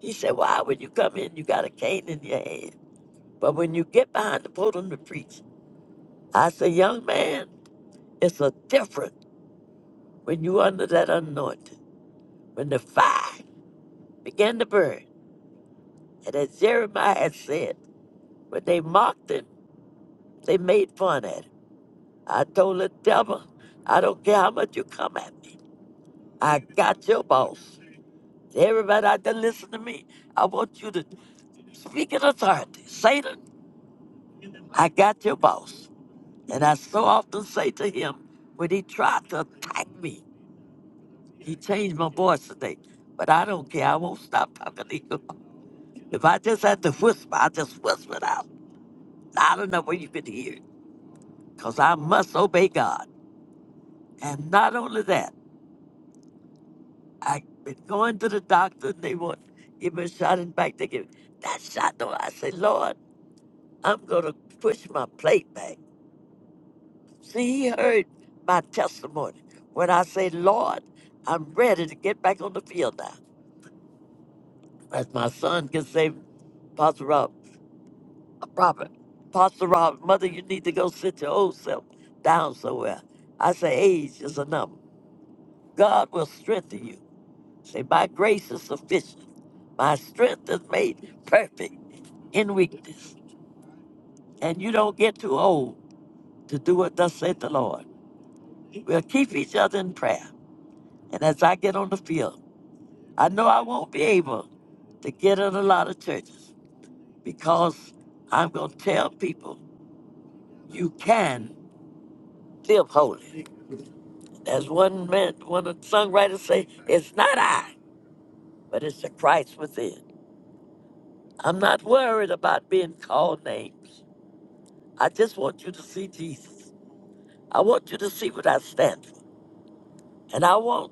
he said, Why when you come in, you got a cane in your hand? But when you get behind the podium to preach, I say, young man, it's a different when you under that anointing. When the fire began to burn, and as Jeremiah had said, when they mocked him, they made fun at him. I told the devil, I don't care how much you come at me. I got your boss. Everybody out there listen to me. I want you to speak in authority. Satan, I got your boss. And I so often say to him when he tried to attack me, He changed my voice today, but I don't care. I won't stop talking to you. If I just had to whisper, I just whisper it out loud enough where you could hear it, because I must obey God. And not only that, I've been going to the doctor and they want give me a shot in the back. They give that shot. No, I say, Lord, I'm going to push my plate back. See, he heard my testimony when I say, Lord, I'm ready to get back on the field now. As my son can say, Pastor Rob. Robert, Pastor Robert, mother, you need to go sit your old self down somewhere. I say, age is a number. God will strengthen you. Say, my grace is sufficient. My strength is made perfect in weakness. And you don't get too old to do what thus saith the Lord. We'll keep each other in prayer. And as I get on the field, I know I won't be able to get in a lot of churches because I'm going to tell people you can live holy. As one man, one songwriter say, it's not I, but it's the Christ within. I'm not worried about being called names. I just want you to see Jesus. I want you to see what I stand for. And I want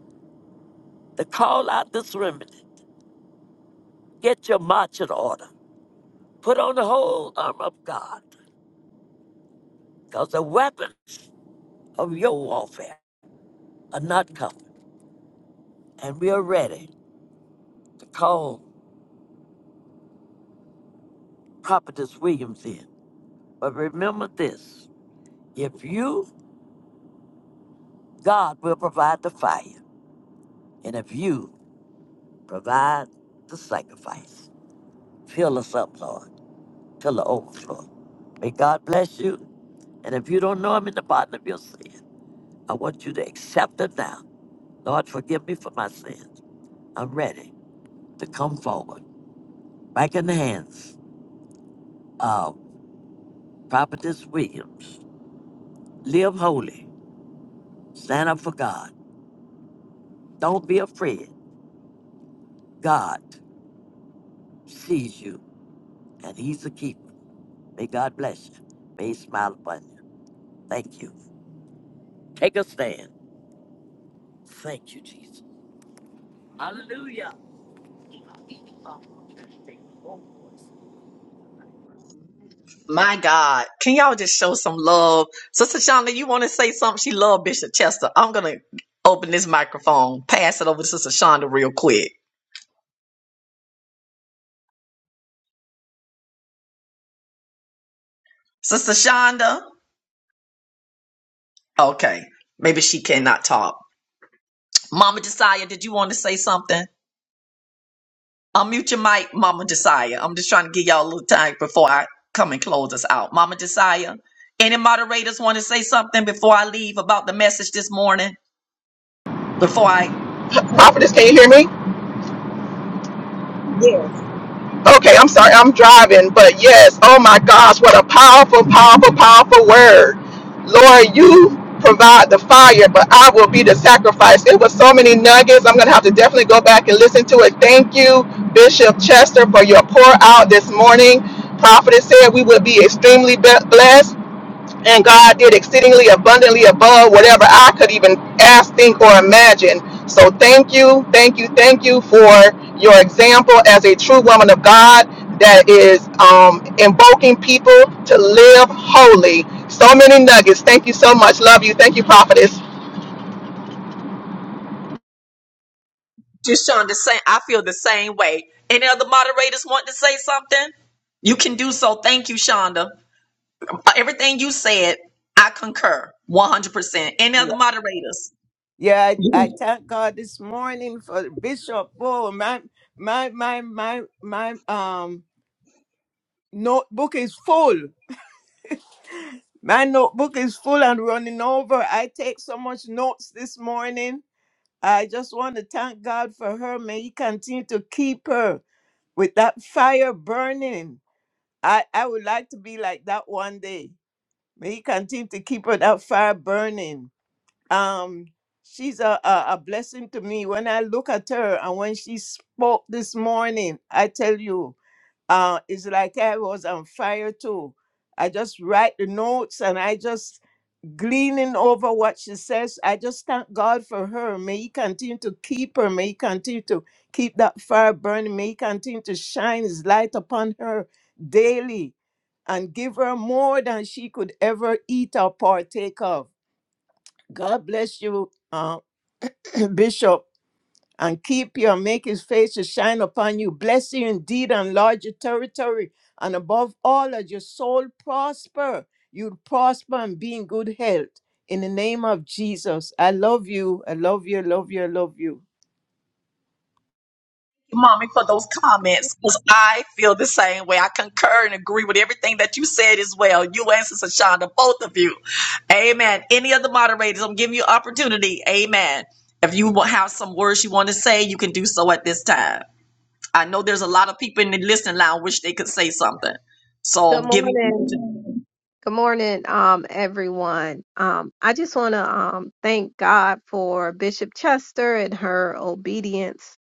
to call out this remedy. Get your march in order. Put on the whole armor of God, because the weapons of your warfare are not covered. And we are ready to call Prophetess Williams in. But remember this if you, God will provide the fire. And if you provide the sacrifice, fill us up, Lord, till the overflow. May God bless you. And if you don't know him in the pardon of your sin, I want you to accept him now. Lord, forgive me for my sins. I'm ready to come forward. Back in the hands of Prophetess Williams. Live holy. Stand up for God. Don't be afraid. God sees you, and he's a keeper. May God bless you. May he smile upon you. Thank you. Take a stand. Thank you, Jesus. Hallelujah. My God. Can y'all just show some love? Sister Shonda, you want to say something? She loved Bishop Chester. I'm going to open this microphone, pass it over to Sister Shonda real quick. Sister Shonda? Okay. Maybe she cannot talk. Mama Josiah, did you want to say something? Unmute your mic, Mama Josiah. I'm just trying to give y'all a little time before I come and close us out. Mama Josiah, any moderators want to say something before I leave about the message this morning? Before I Prophetess, can you hear me? Okay, I'm sorry, I'm driving, but yes, oh my gosh, what a powerful, powerful, powerful word. Lord, you provide the fire, but I will be the sacrifice. It was so many nuggets. I'm going to have to definitely go back and listen to it. Thank you, Bishop Chester, for your pour out this morning. Prophetess said we will be extremely blessed. and God did exceedingly abundantly above whatever I could even ask, think, or imagine. So thank you, thank you, thank you for your example as a true woman of God that is um, invoking people to live holy. So many nuggets. Thank you so much. Love you. Thank you, prophetess. Deshaun, the same. I feel the same way. Any other moderators want to say something? You can do so. Thank you, Shonda. Uh, Everything you said, I concur 100%. Any other Yeah, moderators? yeah I, I thank God this morning for Bishop Oh, My my my my my um notebook is full. My notebook is full and running over. I take so much notes this morning. I just want to thank God for her. May He continue to keep her with that fire burning. I, I would like to be like that one day. May He continue to keep her that fire burning. um she's a, a a blessing to me when i look at her and when she spoke this morning i tell you uh it's like i was on fire too i just write the notes and i just gleaning over what she says i just thank god for her may he continue to keep her may he continue to keep that fire burning may he continue to shine his light upon her daily and give her more than she could ever eat or partake of god bless you Bishop, and keep you and make his face to shine upon you, bless you indeed, and enlarge your territory, and above all, let your soul prosper. You'll prosper and be in good health. In the name of Jesus, I love you. I love you. I love you. I love you. Mommy, for those comments, because I feel the same way. I concur and agree with everything that you said as well. You and Sister Shonda, both of you. Amen. Any other moderators, I'm giving you opportunity. Amen. If you wa- have some words you want to say, you can do so at this time. I know there's a lot of people in the listening line wish they could say something. So Good I'm giving you the morning. opportunity. Good morning, um, everyone. Um, I just want to um, thank God for Bishop Chester and her obedience.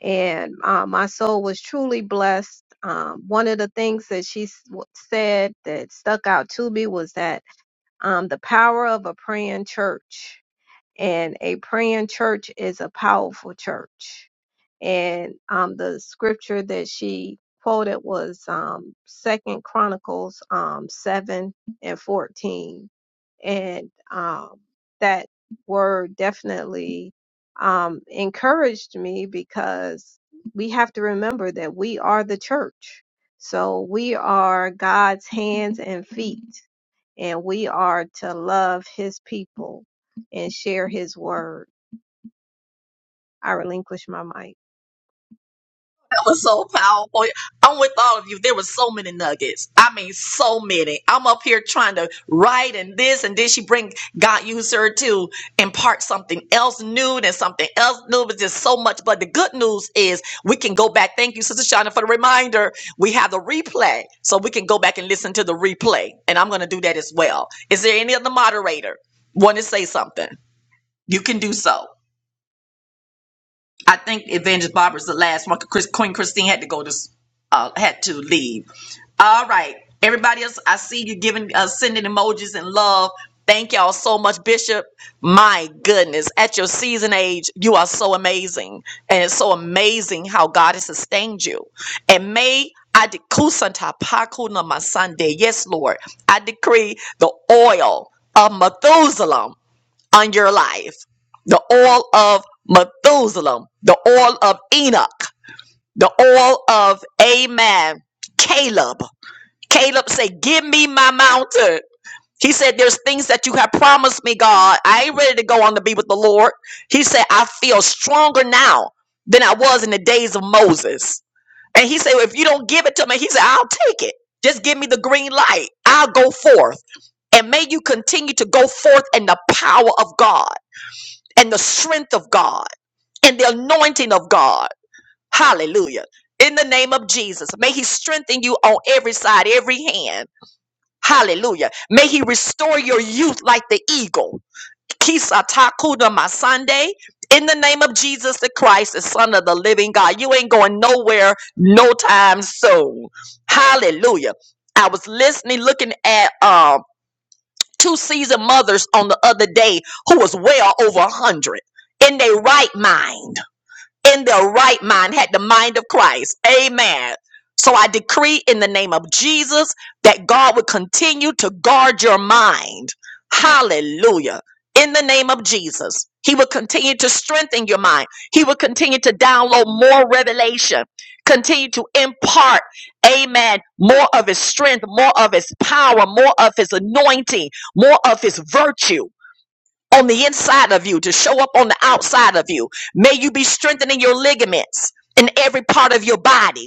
And uh, my soul was truly blessed. Um, one of the things that she s- w- said that stuck out to me was that um, the power of a praying church and a praying church is a powerful church. And um, the scripture that she quoted was um, Second Chronicles um, seven and fourteen, and um, that word definitely um, encouraged me because we have to remember that we are the church. So we are God's hands and feet and we are to love his people and share his word. I relinquish my mic. that was so powerful. I'm with all of you. There were so many nuggets. I mean, so many. I'm up here trying to write and this and then she bring God used her to impart something else new and something else new. But just so much. But the good news is we can go back. Thank you, Sister Shauna, for the reminder. We have the replay, so we can go back and listen to the replay. And I'm going to do that as well. Is there any other moderator want to say something? You can do so. I think Evangelist Barbara's the last one. 'Cause Chris, Queen Christine had to go to, s- uh, had to leave. All right, everybody else, I see you giving, uh, sending emojis and love. Thank y'all so much, Bishop. My goodness, at your season age, you are so amazing, and it's so amazing how God has sustained you. And may I dekusanta pakuna my Sunday. Yes, Lord, I decree the oil of Methuselah on your life. The oil of Methuselah, the oil of Enoch, the oil of Amen, Caleb. Caleb said, Give me my mountain. He said, There's things that you have promised me, God. I ain't ready to go on to be with the Lord. He said, I feel stronger now than I was in the days of Moses. And he said, "Well, If you don't give it to me, he said, I'll take it. Just give me the green light. I'll go forth. And may you continue to go forth in the power of God and the strength of God and the anointing of God. Hallelujah. In the name of Jesus, may He strengthen you on every side, every hand. Hallelujah. May He restore your youth like the eagle. Kisatakuda Masande. In the name of Jesus the Christ, the Son of the living God, you ain't going nowhere no time soon. Hallelujah. I was listening, looking at um two seasoned mothers on the other day who was well over a hundred in their right mind in their right mind, had the mind of Christ. Amen. So I decree in the name of Jesus that God would continue to guard your mind. Hallelujah. In the name of Jesus, He will continue to strengthen your mind. He will continue to download more revelation, continue to impart, amen, more of His strength, more of His power, more of His anointing, more of His virtue on the inside of you to show up on the outside of you. May you be strengthening your ligaments in every part of your body.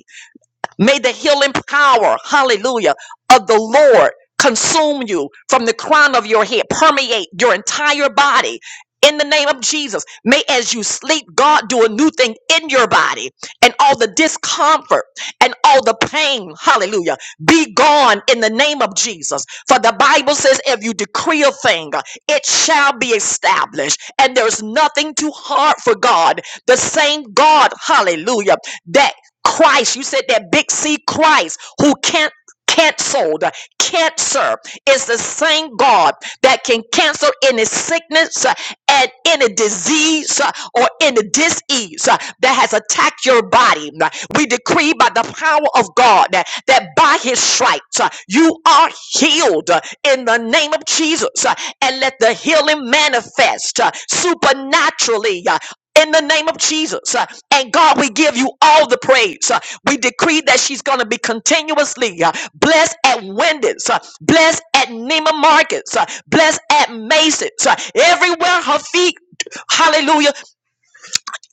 May the healing power, hallelujah, of the Lord consume you from the crown of your head, permeate your entire body. In the name of Jesus, may as you sleep, God do a new thing in your body and all the discomfort and all the pain, hallelujah, be gone in the name of Jesus. For the Bible says, if you decree a thing, it shall be established. And there's nothing too hard for God. The same God, hallelujah, that. Christ, you said that big C Christ who can't canceled cancer is the same God that can cancel any sickness uh, and any disease uh, or any disease uh, that has attacked your body. We decree by the power of God that, that by his stripes uh, you are healed uh, in the name of Jesus uh, and let the healing manifest uh, supernaturally. uh, in the name of Jesus. Uh, And God, we give you all the praise. Uh, We decree that she's going to be continuously uh, blessed at Wendy's, uh, blessed at Nema Markets, uh, blessed at Macy's, uh, everywhere her feet. Hallelujah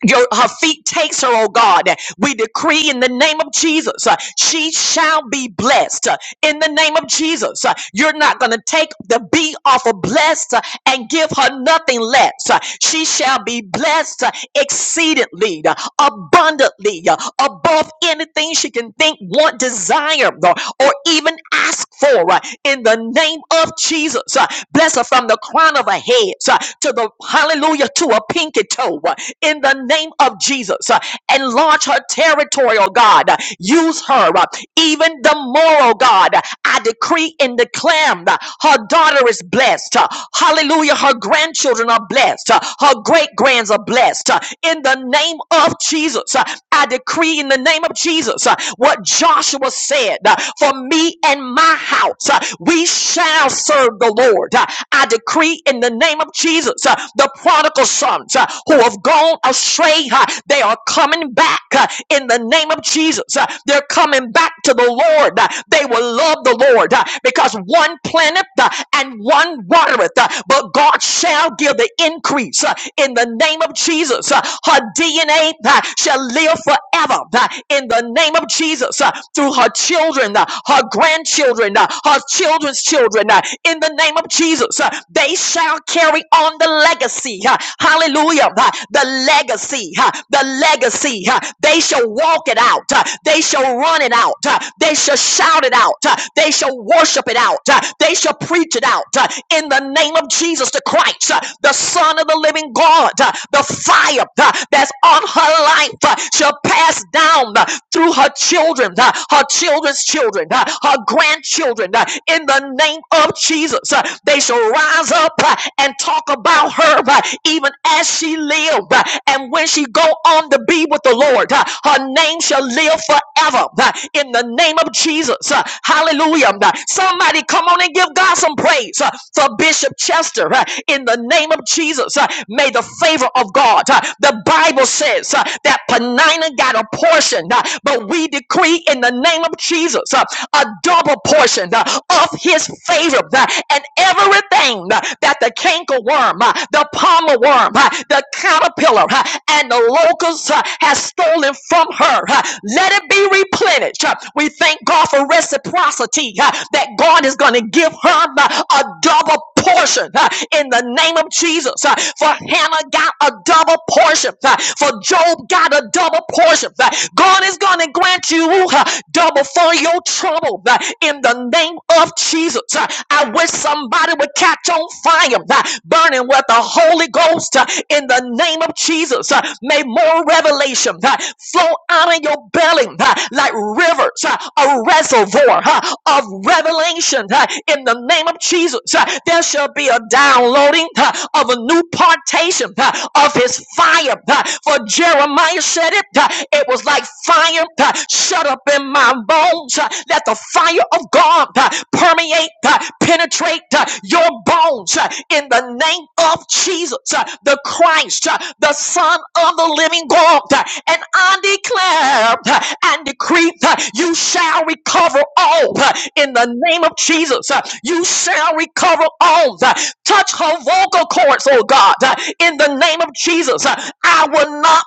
your her feet takes her oh god we decree in the name of jesus uh, she shall be blessed uh, in the name of jesus Uh, you're not going to take the B off of blessed uh, and give her nothing less Uh, she shall be blessed uh, exceedingly uh, abundantly uh, above anything she can think want desire or, or even ask for uh, in the name of jesus Uh, bless her from the crown of her head uh, to the hallelujah to to a pinky toe uh, in the name of Jesus. uh, Enlarge her territory, oh God. uh, Use her, uh, even the moral God. I decree and declare that her daughter is blessed. uh, Hallelujah. Her grandchildren are blessed. uh, Her great grands are blessed. uh, In the name of Jesus, Uh, I decree in the name of Jesus uh, what Joshua said uh, for me and my house, uh, we shall serve the Lord. Uh, I decree in the name name of Jesus, uh, the prodigal sons uh, who have gone astray, uh, they are coming back uh, in the name of Jesus. Uh, They're coming back to the Lord. Uh, They will love the Lord uh, because one planteth uh, and one watereth, uh, but God shall give the increase uh, in the name of Jesus. Uh, Her DNA uh, shall live forever uh, in the name of Jesus uh, through her children, uh, her grandchildren, uh, her children's children. uh, In the name of Jesus, uh, they shall carry on the legacy. uh, Hallelujah. uh, The legacy, uh, the legacy. uh, They shall walk it out. uh, They shall run it out. uh, They shall shout it out. uh, They shall worship it out. uh, They shall preach it out. uh, In the name of Jesus the Christ, uh, the Son of the living God, uh, the fire uh, that's on her life uh, shall pass down uh, through her children, uh, her children's children, uh, her grandchildren. uh, in in the name of Jesus. Uh, They shall rise up uh, and talk about her uh, even as she lived. uh, And when she go on to be with the Lord, uh, her name shall live forever uh, in the name of Jesus. Uh, Hallelujah. Uh, Somebody come on and give God some praise uh, for Bishop Chester uh, in the name of Jesus. Uh, May the favor of God, uh, the Bible says uh, that Penina got a portion, uh, but we decree in the name of Jesus. uh, a double portion uh, of his favor uh, and everything uh, that the cankerworm, uh, the palmer worm, uh, the caterpillar, uh, and the locust uh, has stolen from her. uh, Let it be replenished. Uh, We thank God for reciprocity uh, that God is going to give her uh, a double portion uh, in the name of Jesus. Uh, For Hannah got a double portion. uh, For Job got a double portion. Uh, God is going to grant you uh, double for your trouble uh, in the name of Jesus. Uh, I wish somebody would catch on fire, uh, burning with the Holy Ghost uh, in the name of Jesus. Uh, May more revelation, uh, flow out of your belly uh, like rivers, uh, a reservoir uh, of revelation uh, in the name of Jesus. uh, There shall be a downloading uh, of a new partation uh, of his fire. uh, For Jeremiah said it, uh, it was like fire uh, shut up in my bones. uh, Let the fire of God uh, permeate, uh, penetrate uh, your bones uh, in the name of Jesus, uh, the Christ, uh, the Son of the living God. Uh, And I declare uh, and decree uh, you shall recover all uh, in the name of Jesus. Uh, You shall recover all. Uh, Touch her vocal cords, oh God, uh, in the name of Jesus. Uh, I will not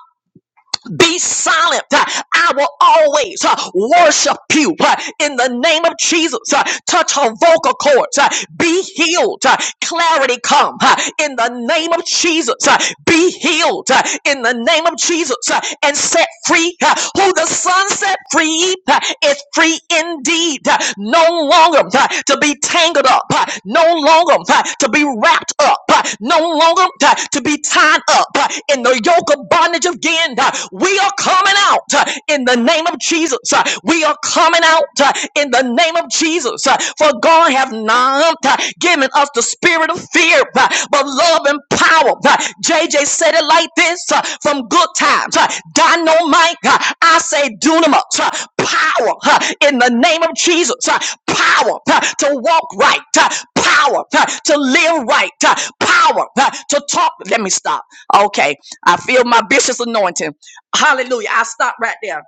be silent. Uh, I will always uh, worship you uh, in the name of Jesus. Uh, Touch her vocal cords. Uh, Be healed. Uh, Clarity come uh, in the name of Jesus. Uh, Be healed uh, in the name of Jesus Uh, and set free. uh, Who the Son set free uh, is free indeed. Uh, No longer uh, to be tangled up. uh, No longer uh, to be wrapped up. uh, No longer uh, to be tied up uh, in the yoke of bondage again. Uh, We are coming out uh, in the name of Jesus. Uh, We are coming out uh, in the name of Jesus. Uh, For God have not uh, given us the spirit of fear, uh, but love and power. Uh, JJ said it like this uh, from good times. uh, Dynamite, uh, I say dunamis, uh, power uh, in the name of Jesus. uh, Power uh, to walk right, uh, power uh, to live right, uh, power uh, to talk. Let me stop. Okay I feel my bishop's anointing. Hallelujah. I stop right there.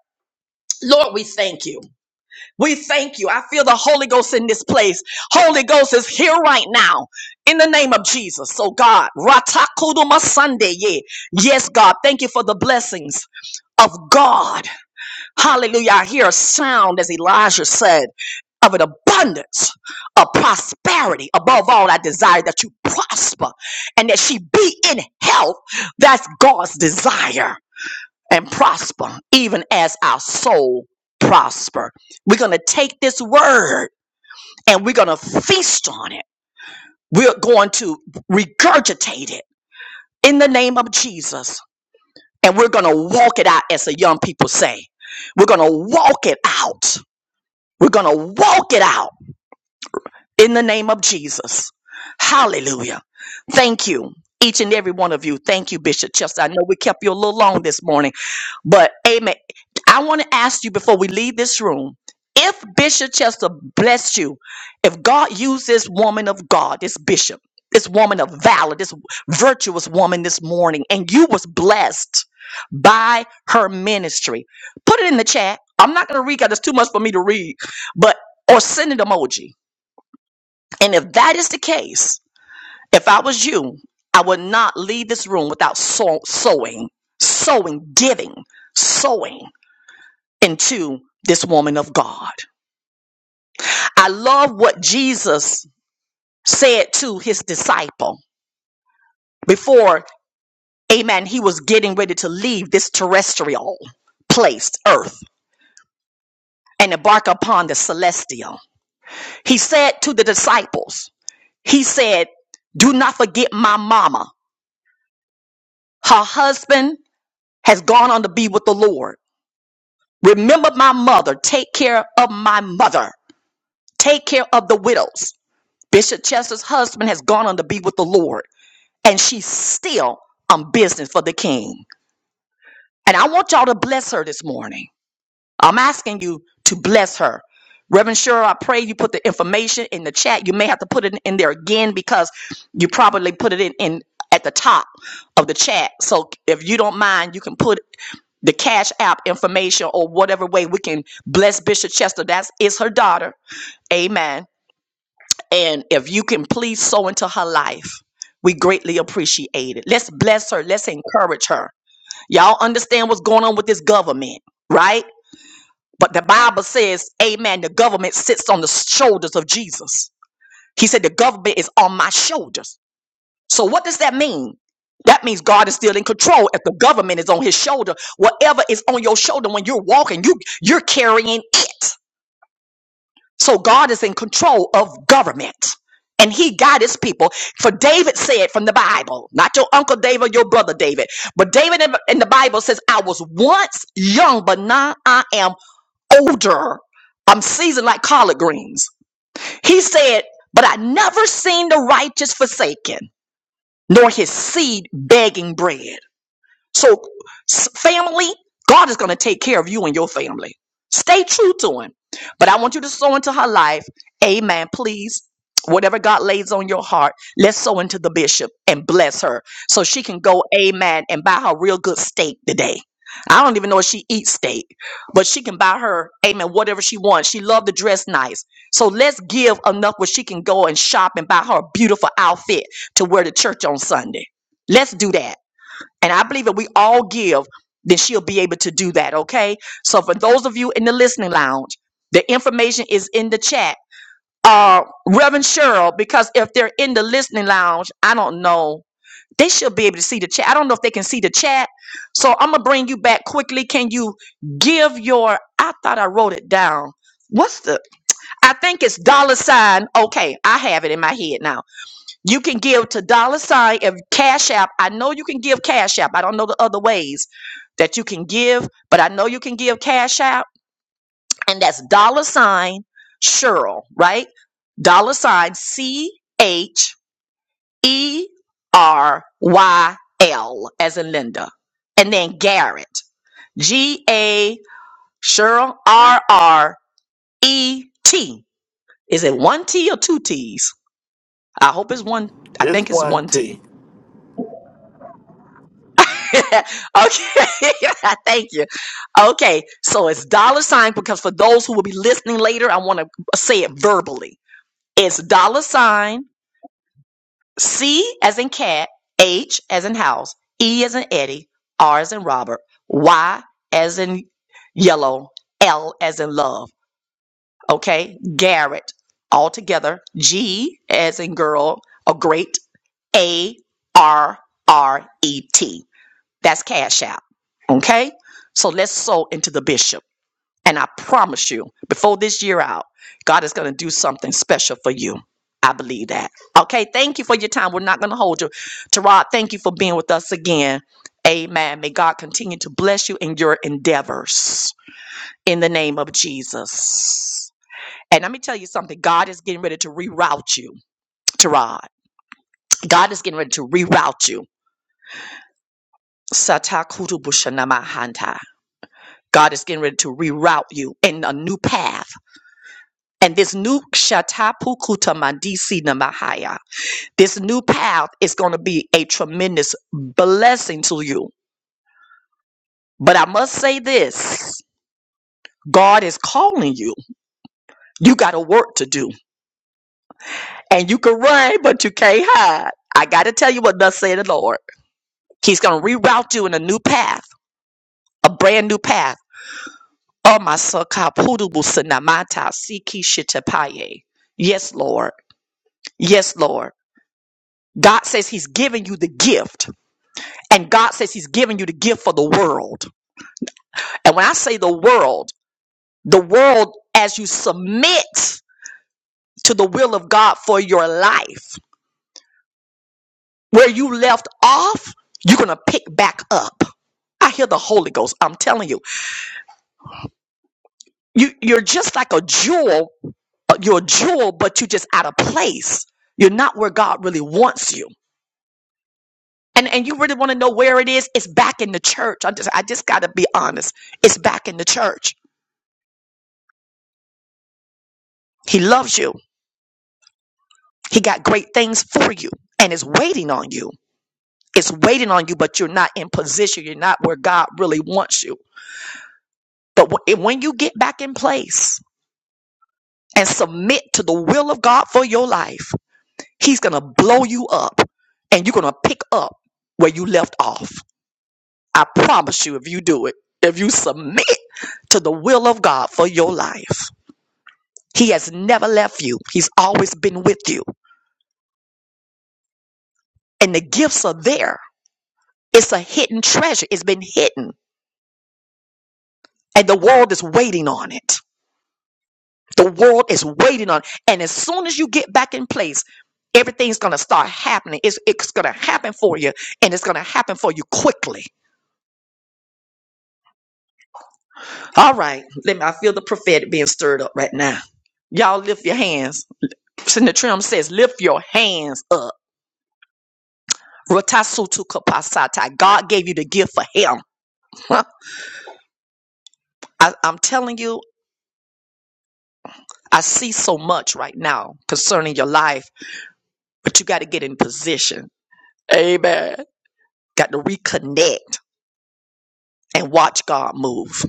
Lord, we thank you. We thank you. I feel the Holy Ghost in this place. Holy Ghost is here right now in the name of Jesus. So, God, Ratakuduma Sunday. Yeah. Yes, God. Thank you for the blessings of God. Hallelujah. I hear a sound, as Elijah said, of an abundance of prosperity. Above all, I desire that you prosper and that she be in health. That's God's desire and prosper, even as our soul prosper. We're going to take this word and we're going to feast on it. We're going to regurgitate it in the name of Jesus. And we're going to walk it out, as the young people say. We're going to walk it out. We're going to walk it out in the name of Jesus. Hallelujah. Thank you, each and every one of you. Thank you, Bishop Chester. I know we kept you a little long this morning But amen. I want to ask you before we leave this room if Bishop Chester blessed you, if God used this woman of God, this bishop, this woman of valor, this virtuous woman this morning, and you was blessed by her ministry, put it in the chat. I'm not going to read because it's too much for me to read, but or send an emoji. And if that is the case, if I was you, I would not leave this room without sow- sowing, sowing, giving, sowing into this woman of God. I love what Jesus said to his disciple before, amen, he was getting ready to leave this terrestrial place, earth, and embark upon the celestial. He said to the disciples, he said, do not forget my mama. Her husband has gone on to be with the Lord. Remember my mother. Take care of my mother. Take care of the widows. Bishop Chester's husband has gone on to be with the Lord. and she's still on business for the king. And I want y'all to bless her this morning. I'm asking you to bless her. Reverend Sure, I pray you put the information in the chat. You may have to put it in there again because you probably put it in, in at the top of the chat. So if you don't mind, you can put the cash app information or whatever way we can bless Bishop Chester. That's is her daughter. Amen and if you can please sow into her life, we greatly appreciate it. Let's bless her. Let's encourage her. Y'all understand what's going on with this government, right? But the Bible says, Amen, the government sits on the shoulders of Jesus. He said, The government is on my shoulders. So what does that mean? That means God is still in control. If the government is on his shoulder, whatever is on your shoulder when you're walking, you you're carrying it. So God is in control of government. And he got his people. For David said from the Bible, not your uncle David, your brother David, but David in in the Bible says, I was once young, but now I am older. I'm seasoned like collard greens. He said, But I never seen the righteous forsaken, nor his seed begging bread. So, s- family, God is going to take care of you and your family. Stay true to Him. But I want you to sow into her life. Amen. Please, whatever God lays on your heart, let's sow into the bishop and bless her so she can go, amen, and buy her real good steak today. I don't even know if she eats steak, but she can buy her, amen, whatever she wants. She loved to dress nice. So let's give enough where she can go and shop and buy her a beautiful outfit to wear to church on Sunday. Let's do that. And I believe if we all give, then she'll be able to do that. Okay. So for those of you in the listening lounge, the information is in the chat. Uh, Reverend Cheryl, because if they're in the listening lounge, I don't know. They should be able to see the chat. I don't know if they can see the chat. So I'm gonna bring you back quickly. Can you give your? I thought I wrote it down. What's the? I think it's dollar sign. Okay, I have it in my head now you can give to dollar sign if Cash App. I know you can give Cash App. I don't know the other ways that you can give, but I know you can give Cash App, and that's dollar sign Cheryl, right? Dollar sign C H E R Y L as in Linda, and then Garrett G A Cheryl R R E T. Is it one T or two T's? I hope it's one. I This think it's one one T T. okay, thank you. Okay, so it's dollar sign because for those who will be listening later, I want to say it verbally. It's dollar sign C as in cat, H as in house, E as in Eddie, R as in Robert, Y as in yellow, L as in love. Okay, Garrett all together. G as in girl, a great A R R E T. That's cash out. Okay? So let's sow into the bishop. And I promise you, before this year out, God is going to do something special for you. I believe that. Okay, thank you for your time. We're not going to hold you. Terod, thank you for being with us again. Amen. May God continue to bless you in your endeavors in the name of Jesus. And let me tell you something God is getting ready to reroute you, Terod. God is getting ready to reroute you. Satakutu God is getting ready to reroute you in a new path. And this new Shatapukuta Mandisi Namahaya, this new path is going to be a tremendous blessing to you. But I must say this God is calling you. You got a work to do. And you can run, but you can't hide. I got to tell you what does say the Lord. He's going to reroute you in a new path, a brand new path. Oh, my son, Kapudubu Sinamata Siki Shitapaye. Yes, Lord. Yes, Lord. God says He's giving you the gift, and God says He's giving you the gift for the world. And when I say the world, the world, as you submit to the will of God for your life, where you left off, you're going to pick back up. I hear the Holy Ghost. I'm telling you, you you're just like a jewel. uh, You're a jewel, but you're just out of place. You're not where God really wants you. And and you really want to know where it is? It's back in the church. I just I just got to be honest. It's back in the church He loves you. He got great things for you and is waiting on you. It's waiting on you, but you're not in position. You're not where God really wants you. But wh- when you get back in place and submit to the will of God for your life, He's going to blow you up and you're going to pick up where you left off. I promise you, if you do it, if you submit to the will of God for your life, He has never left you. He's always been with you. And the gifts are there. It's a hidden treasure. It's been hidden and the world is waiting on it. The world is waiting on, it. and as soon as you get back in place, everything's gonna start happening. It's it's gonna happen for you, and it's gonna happen for you quickly. All right, let me. I feel the prophetic being stirred up right now. Y'all lift your hands. Senator Trim says, lift your hands up. Rotasutu kapasata. God gave you the gift for him. Huh? I, I'm telling you, I see so much right now concerning your life, but you got to get in position. Amen. Got to reconnect and watch God move.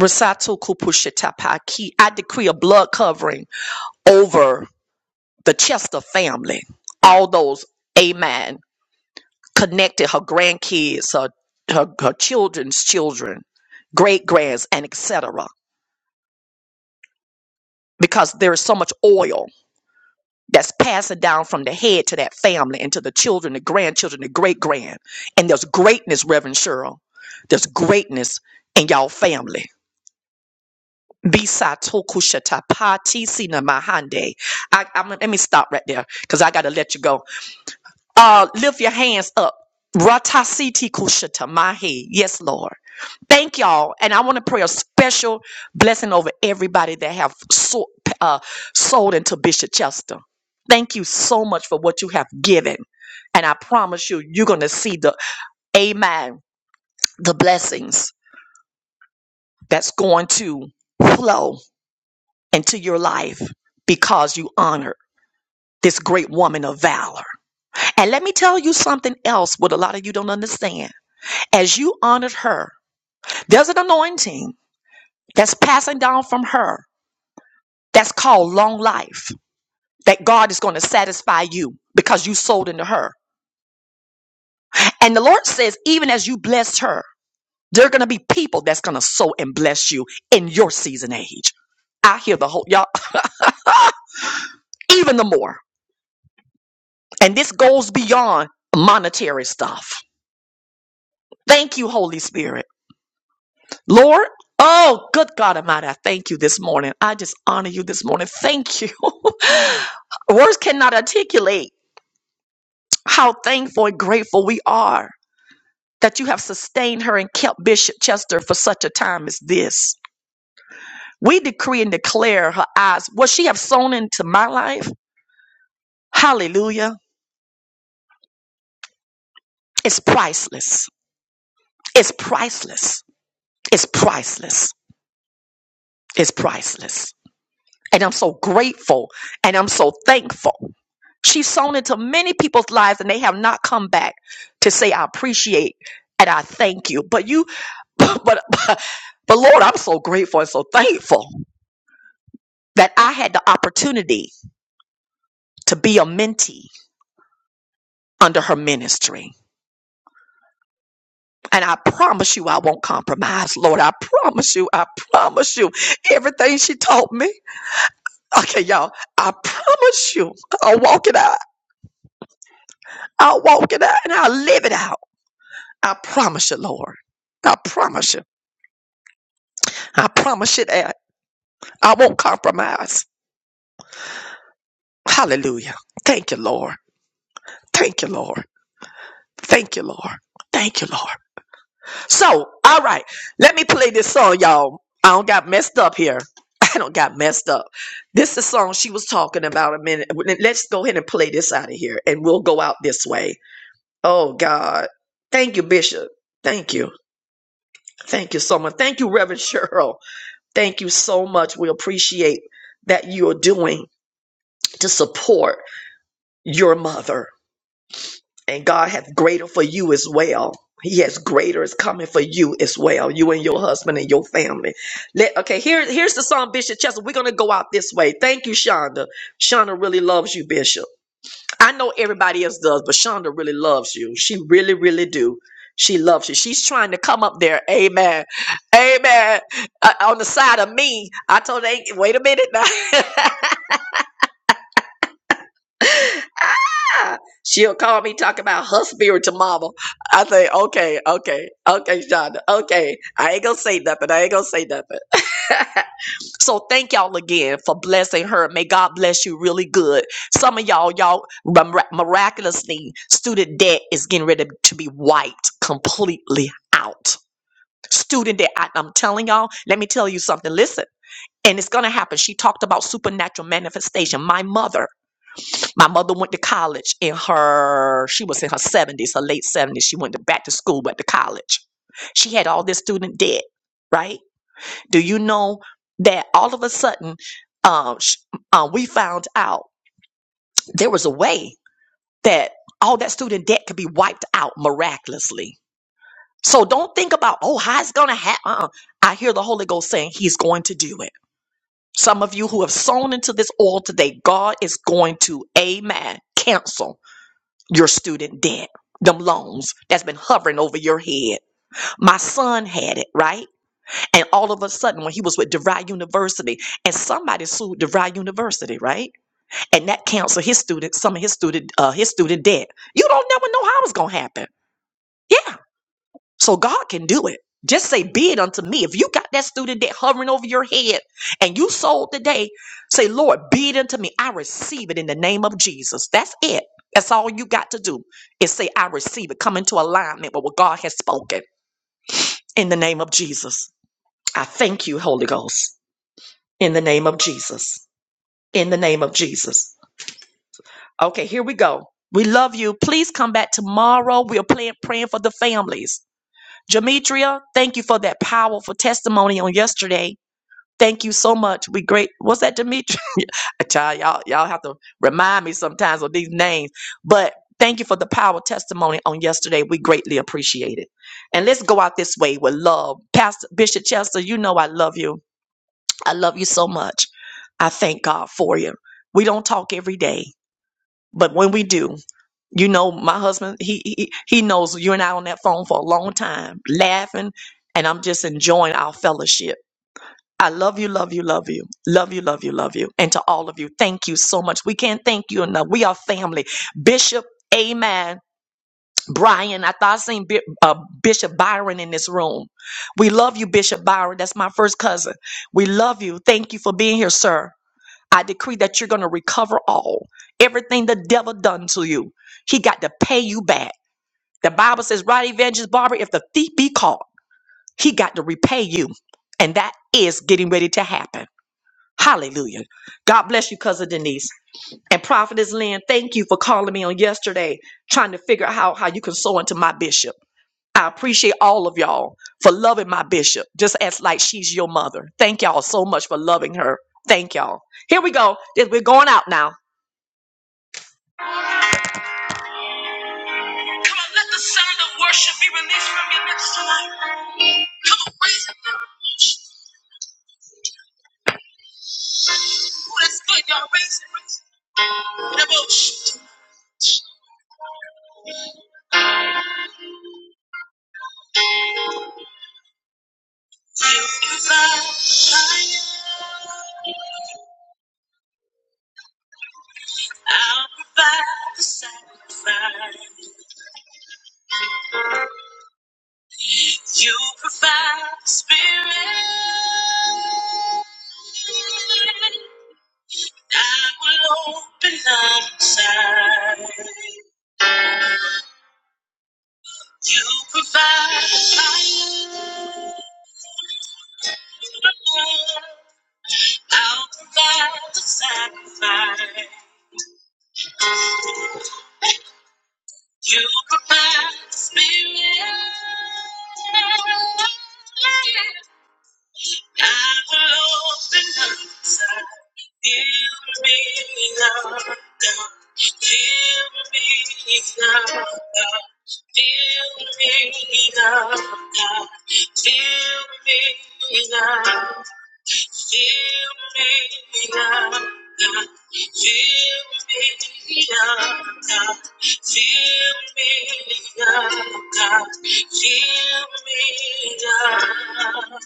Rosato Kupushetapaki. I decree a blood covering over the Chester family. All those, amen, connected her grandkids, her, her, her children's children, great grands, and etc. Because there is so much oil that's passing down from the head to that family and to the children, the grandchildren, the great grand. And there's greatness, Reverend Cheryl. There's greatness in y'all family Bisa tokushata pati sina mahande. I, I'm, let me stop right there because I got to let you go. Uh, lift your hands up. Ratasiti kushata mahi. Yes, Lord. Thank y'all, and I want to pray a special blessing over everybody that have so, uh, sold into Bishop Chester. Thank you so much for what you have given, and I promise you, you're gonna see the Amen, the blessings that's going to flow into your life because you honor this great woman of valor. And let me tell you something else, what a lot of you don't understand. As you honored her, there's an anointing that's passing down from her that's called long life, that God is going to satisfy you because you sold into her. And the Lord says, even as you blessed her, there are going to be people that's going to sow and bless you in your season age. I hear the whole, y'all, even the more. And this goes beyond monetary stuff. Thank you, Holy Spirit. Lord, oh, good God Almighty, I thank you this morning. I just honor you this morning. Thank you. Words cannot articulate how thankful and grateful we are that you have sustained her and kept Bishop Chester for such a time as this. We decree and declare her eyes, what she have sown into my life, hallelujah, is priceless. It's priceless. It's priceless. It's priceless. And I'm so grateful and I'm so thankful. She's sown into many people's lives and they have not come back to say, I appreciate and I thank you. But you, but, but, but Lord, I'm so grateful and so thankful that I had the opportunity to be a mentee under her ministry. And I promise you, I won't compromise, Lord. I promise you, I promise you, everything she taught me. Okay, y'all, I promise you, I'll walk it out. I'll walk it out and I'll live it out. I promise you, Lord. I promise you. I promise you that. I won't compromise. Hallelujah. Thank you, Lord. Thank you, Lord. Thank you, Lord. Thank you, Lord. So, all right, let me play this song, y'all. I don't got messed up here. I don't got messed up. This is the song she was talking about a minute. Let's go ahead and play this out of here and we'll go out this way. Oh, God. Thank you, Bishop. Thank you. Thank you so much. Thank you, Reverend Cheryl. Thank you so much. We appreciate that you are doing to support. your mother. And God hath greater for you as well. He has greater is coming for you as well. You and your husband and your family. Let okay, here, here's the song, Bishop Chester. We're gonna go out this way. Thank you, Shonda. Shonda really loves you, Bishop. I know everybody else does, but Shonda really loves you. She really, really do. She loves you. She's trying to come up there. Amen. Amen. Uh, on the side of me, I told her, "Ain't- wait a minute now. Ah, She'll call me talk about her spiritual mama. I say, okay, okay, okay, Shonda, okay. I ain't gonna say nothing. I ain't gonna say nothing. so thank y'all again for blessing her. May God bless you really good. Some of y'all, y'all mir- miraculously, student debt is getting ready to be wiped completely out. Student debt. I, I'm telling y'all. Let me tell you something. Listen, and it's gonna happen. She talked about supernatural manifestation. My mother. My mother went to college in her, she was in her 70s, her late 70s. She went to back to school, but to college. She had all this student debt, right? Do you know that all of a sudden um, sh- uh, we found out there was a way that all that student debt could be wiped out miraculously? So don't think about, oh, how it's going to happen. Uh-uh. I hear the Holy Ghost saying he's going to do it. Some of you who have sown into this oil today, God is going to, amen, cancel. your student debt, them loans that's been hovering over your head. My son had it, right? And all of a sudden, when he was with DeVry University, and somebody sued DeVry University, right? And that canceled his student, some of his student, uh, his student debt. You don't never know how it's gonna happen. Yeah. So God can do it. Just say, be it unto me. If you got that student that hovering over your head and you sold today, say, Lord, be it unto me. I receive it in the name of Jesus. That's it. That's all you got to do is say, I receive it. Come into alignment with what God has spoken in the name of Jesus. I thank you, Holy Ghost, in the name of Jesus. In the name of Jesus. Okay, here we go. We love you. Please come back tomorrow. We are playing, praying for the families. Demetria, thank you for that powerful testimony on yesterday. Thank you so much. We great. What's that, Demetria? I tell y'all, y'all have to remind me sometimes of these names. But thank you for the power testimony on yesterday. We greatly appreciate it. And let's go out this way with love. Pastor Bishop Chester, you know I love you. I love you so much. I thank God for you. We don't talk every day. But when we do, you know, my husband, he, he he knows you and I on that phone for a long time, laughing, and I'm just enjoying our fellowship. I love you, love you, love you, love you, love you, love you, and to all of you, thank you so much. We can't thank you enough. We are family, Bishop. Amen. Brian, I thought I seen Bi- uh, Bishop Byron in this room. We love you, Bishop Byron. That's my first cousin. We love you. Thank you for being here, sir. I decree that you're going to recover all. Everything the devil done to you, he got to pay you back. The Bible says, right, Evangelist Barbara, if the thief be caught, he got to repay you. And that is getting ready to happen. Hallelujah. God bless you, Cousin Denise. And Prophetess Lynn, thank you for calling me on yesterday, trying to figure out how, how you can sow into my bishop. I appreciate all of y'all for loving my bishop, just as like she's your mother. Thank y'all so much for loving her. Thank y'all. Here we go. We're going out now. Come on, let the sound of worship be released from your lips tonight. Come on, raise it. Oh, that's good, y'all. Raise it, raise it. Now, oh, sh- You provide, I'll provide the sacrifice. You provide the spirit. I will open up inside. You provide the fire. I'll provide the sacrifice. You provide the spirit. I will open up inside. Give me love, God. Give me love, God. Give me love, God. Give me love, Fill me up, God. Fill me up, God. Fill me up, God. Fill me up.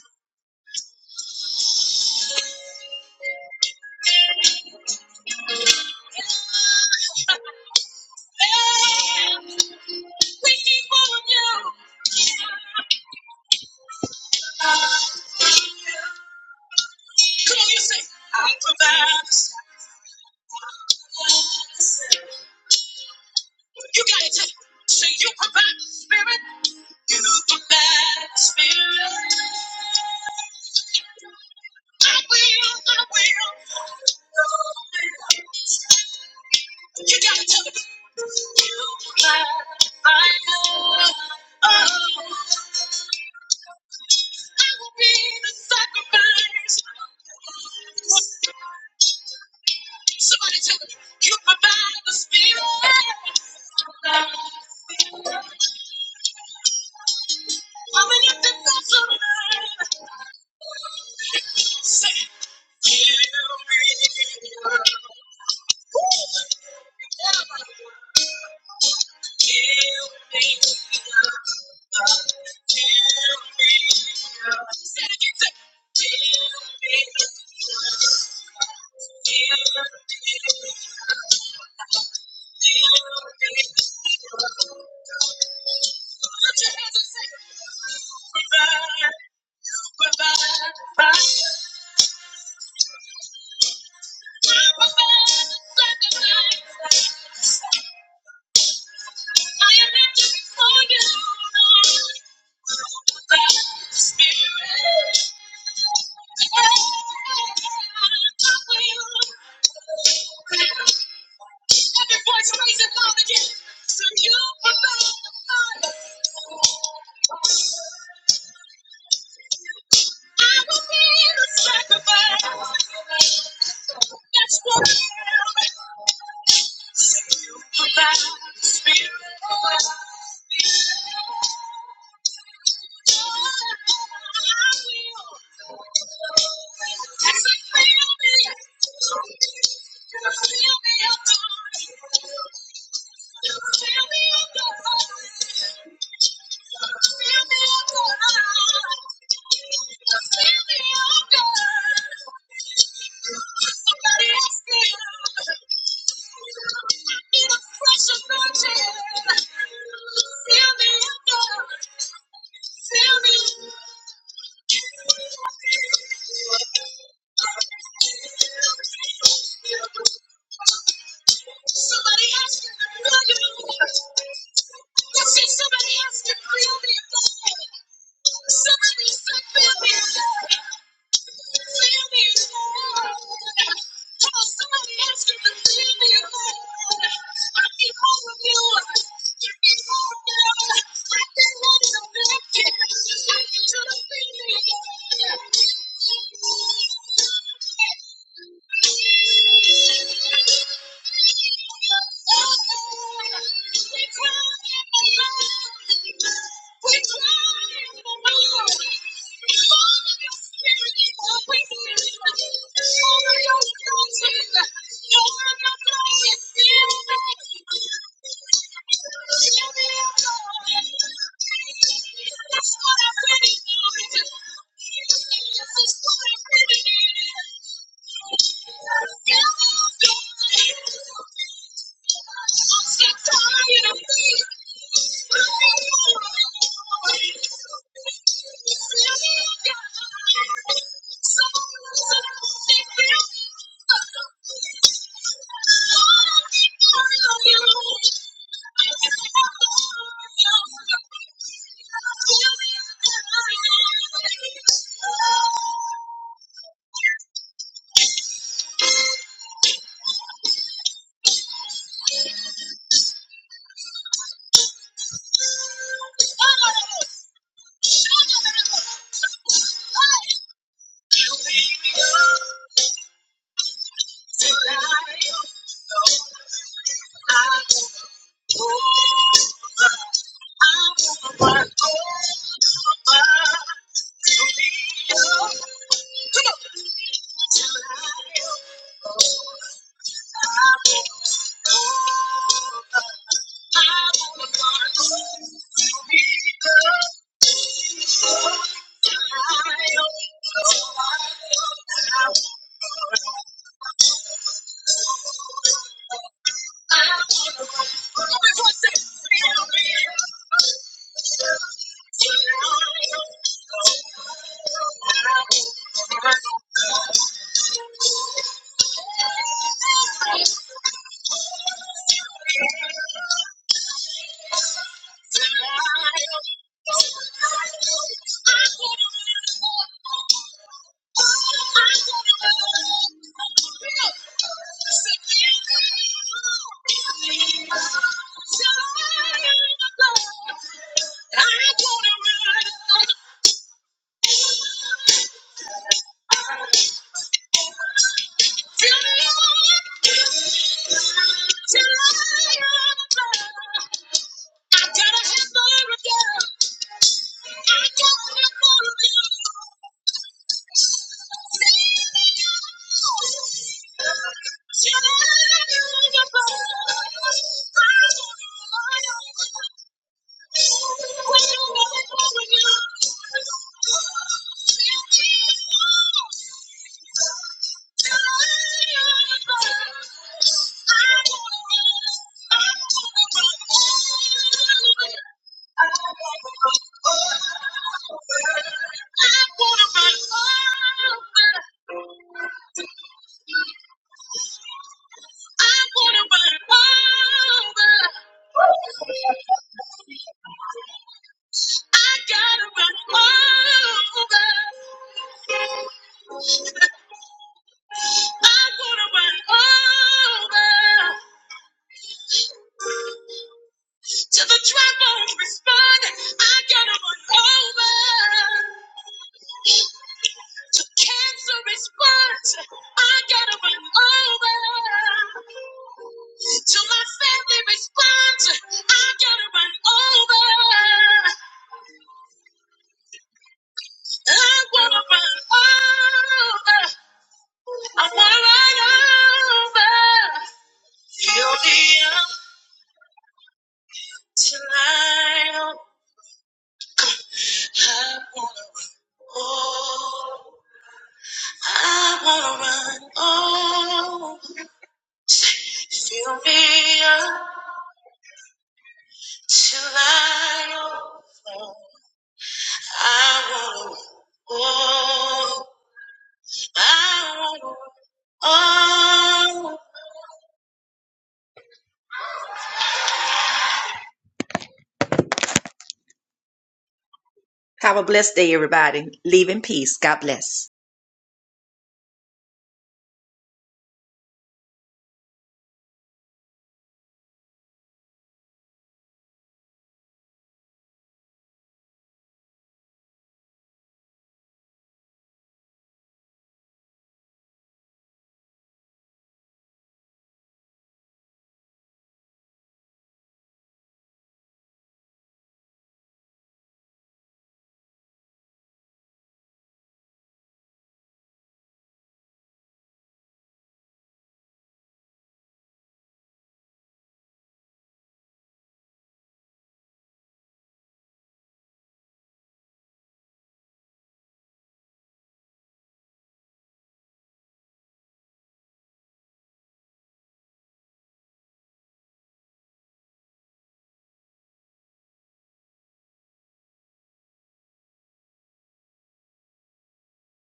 Have a blessed day, everybody. Leave in peace. God bless.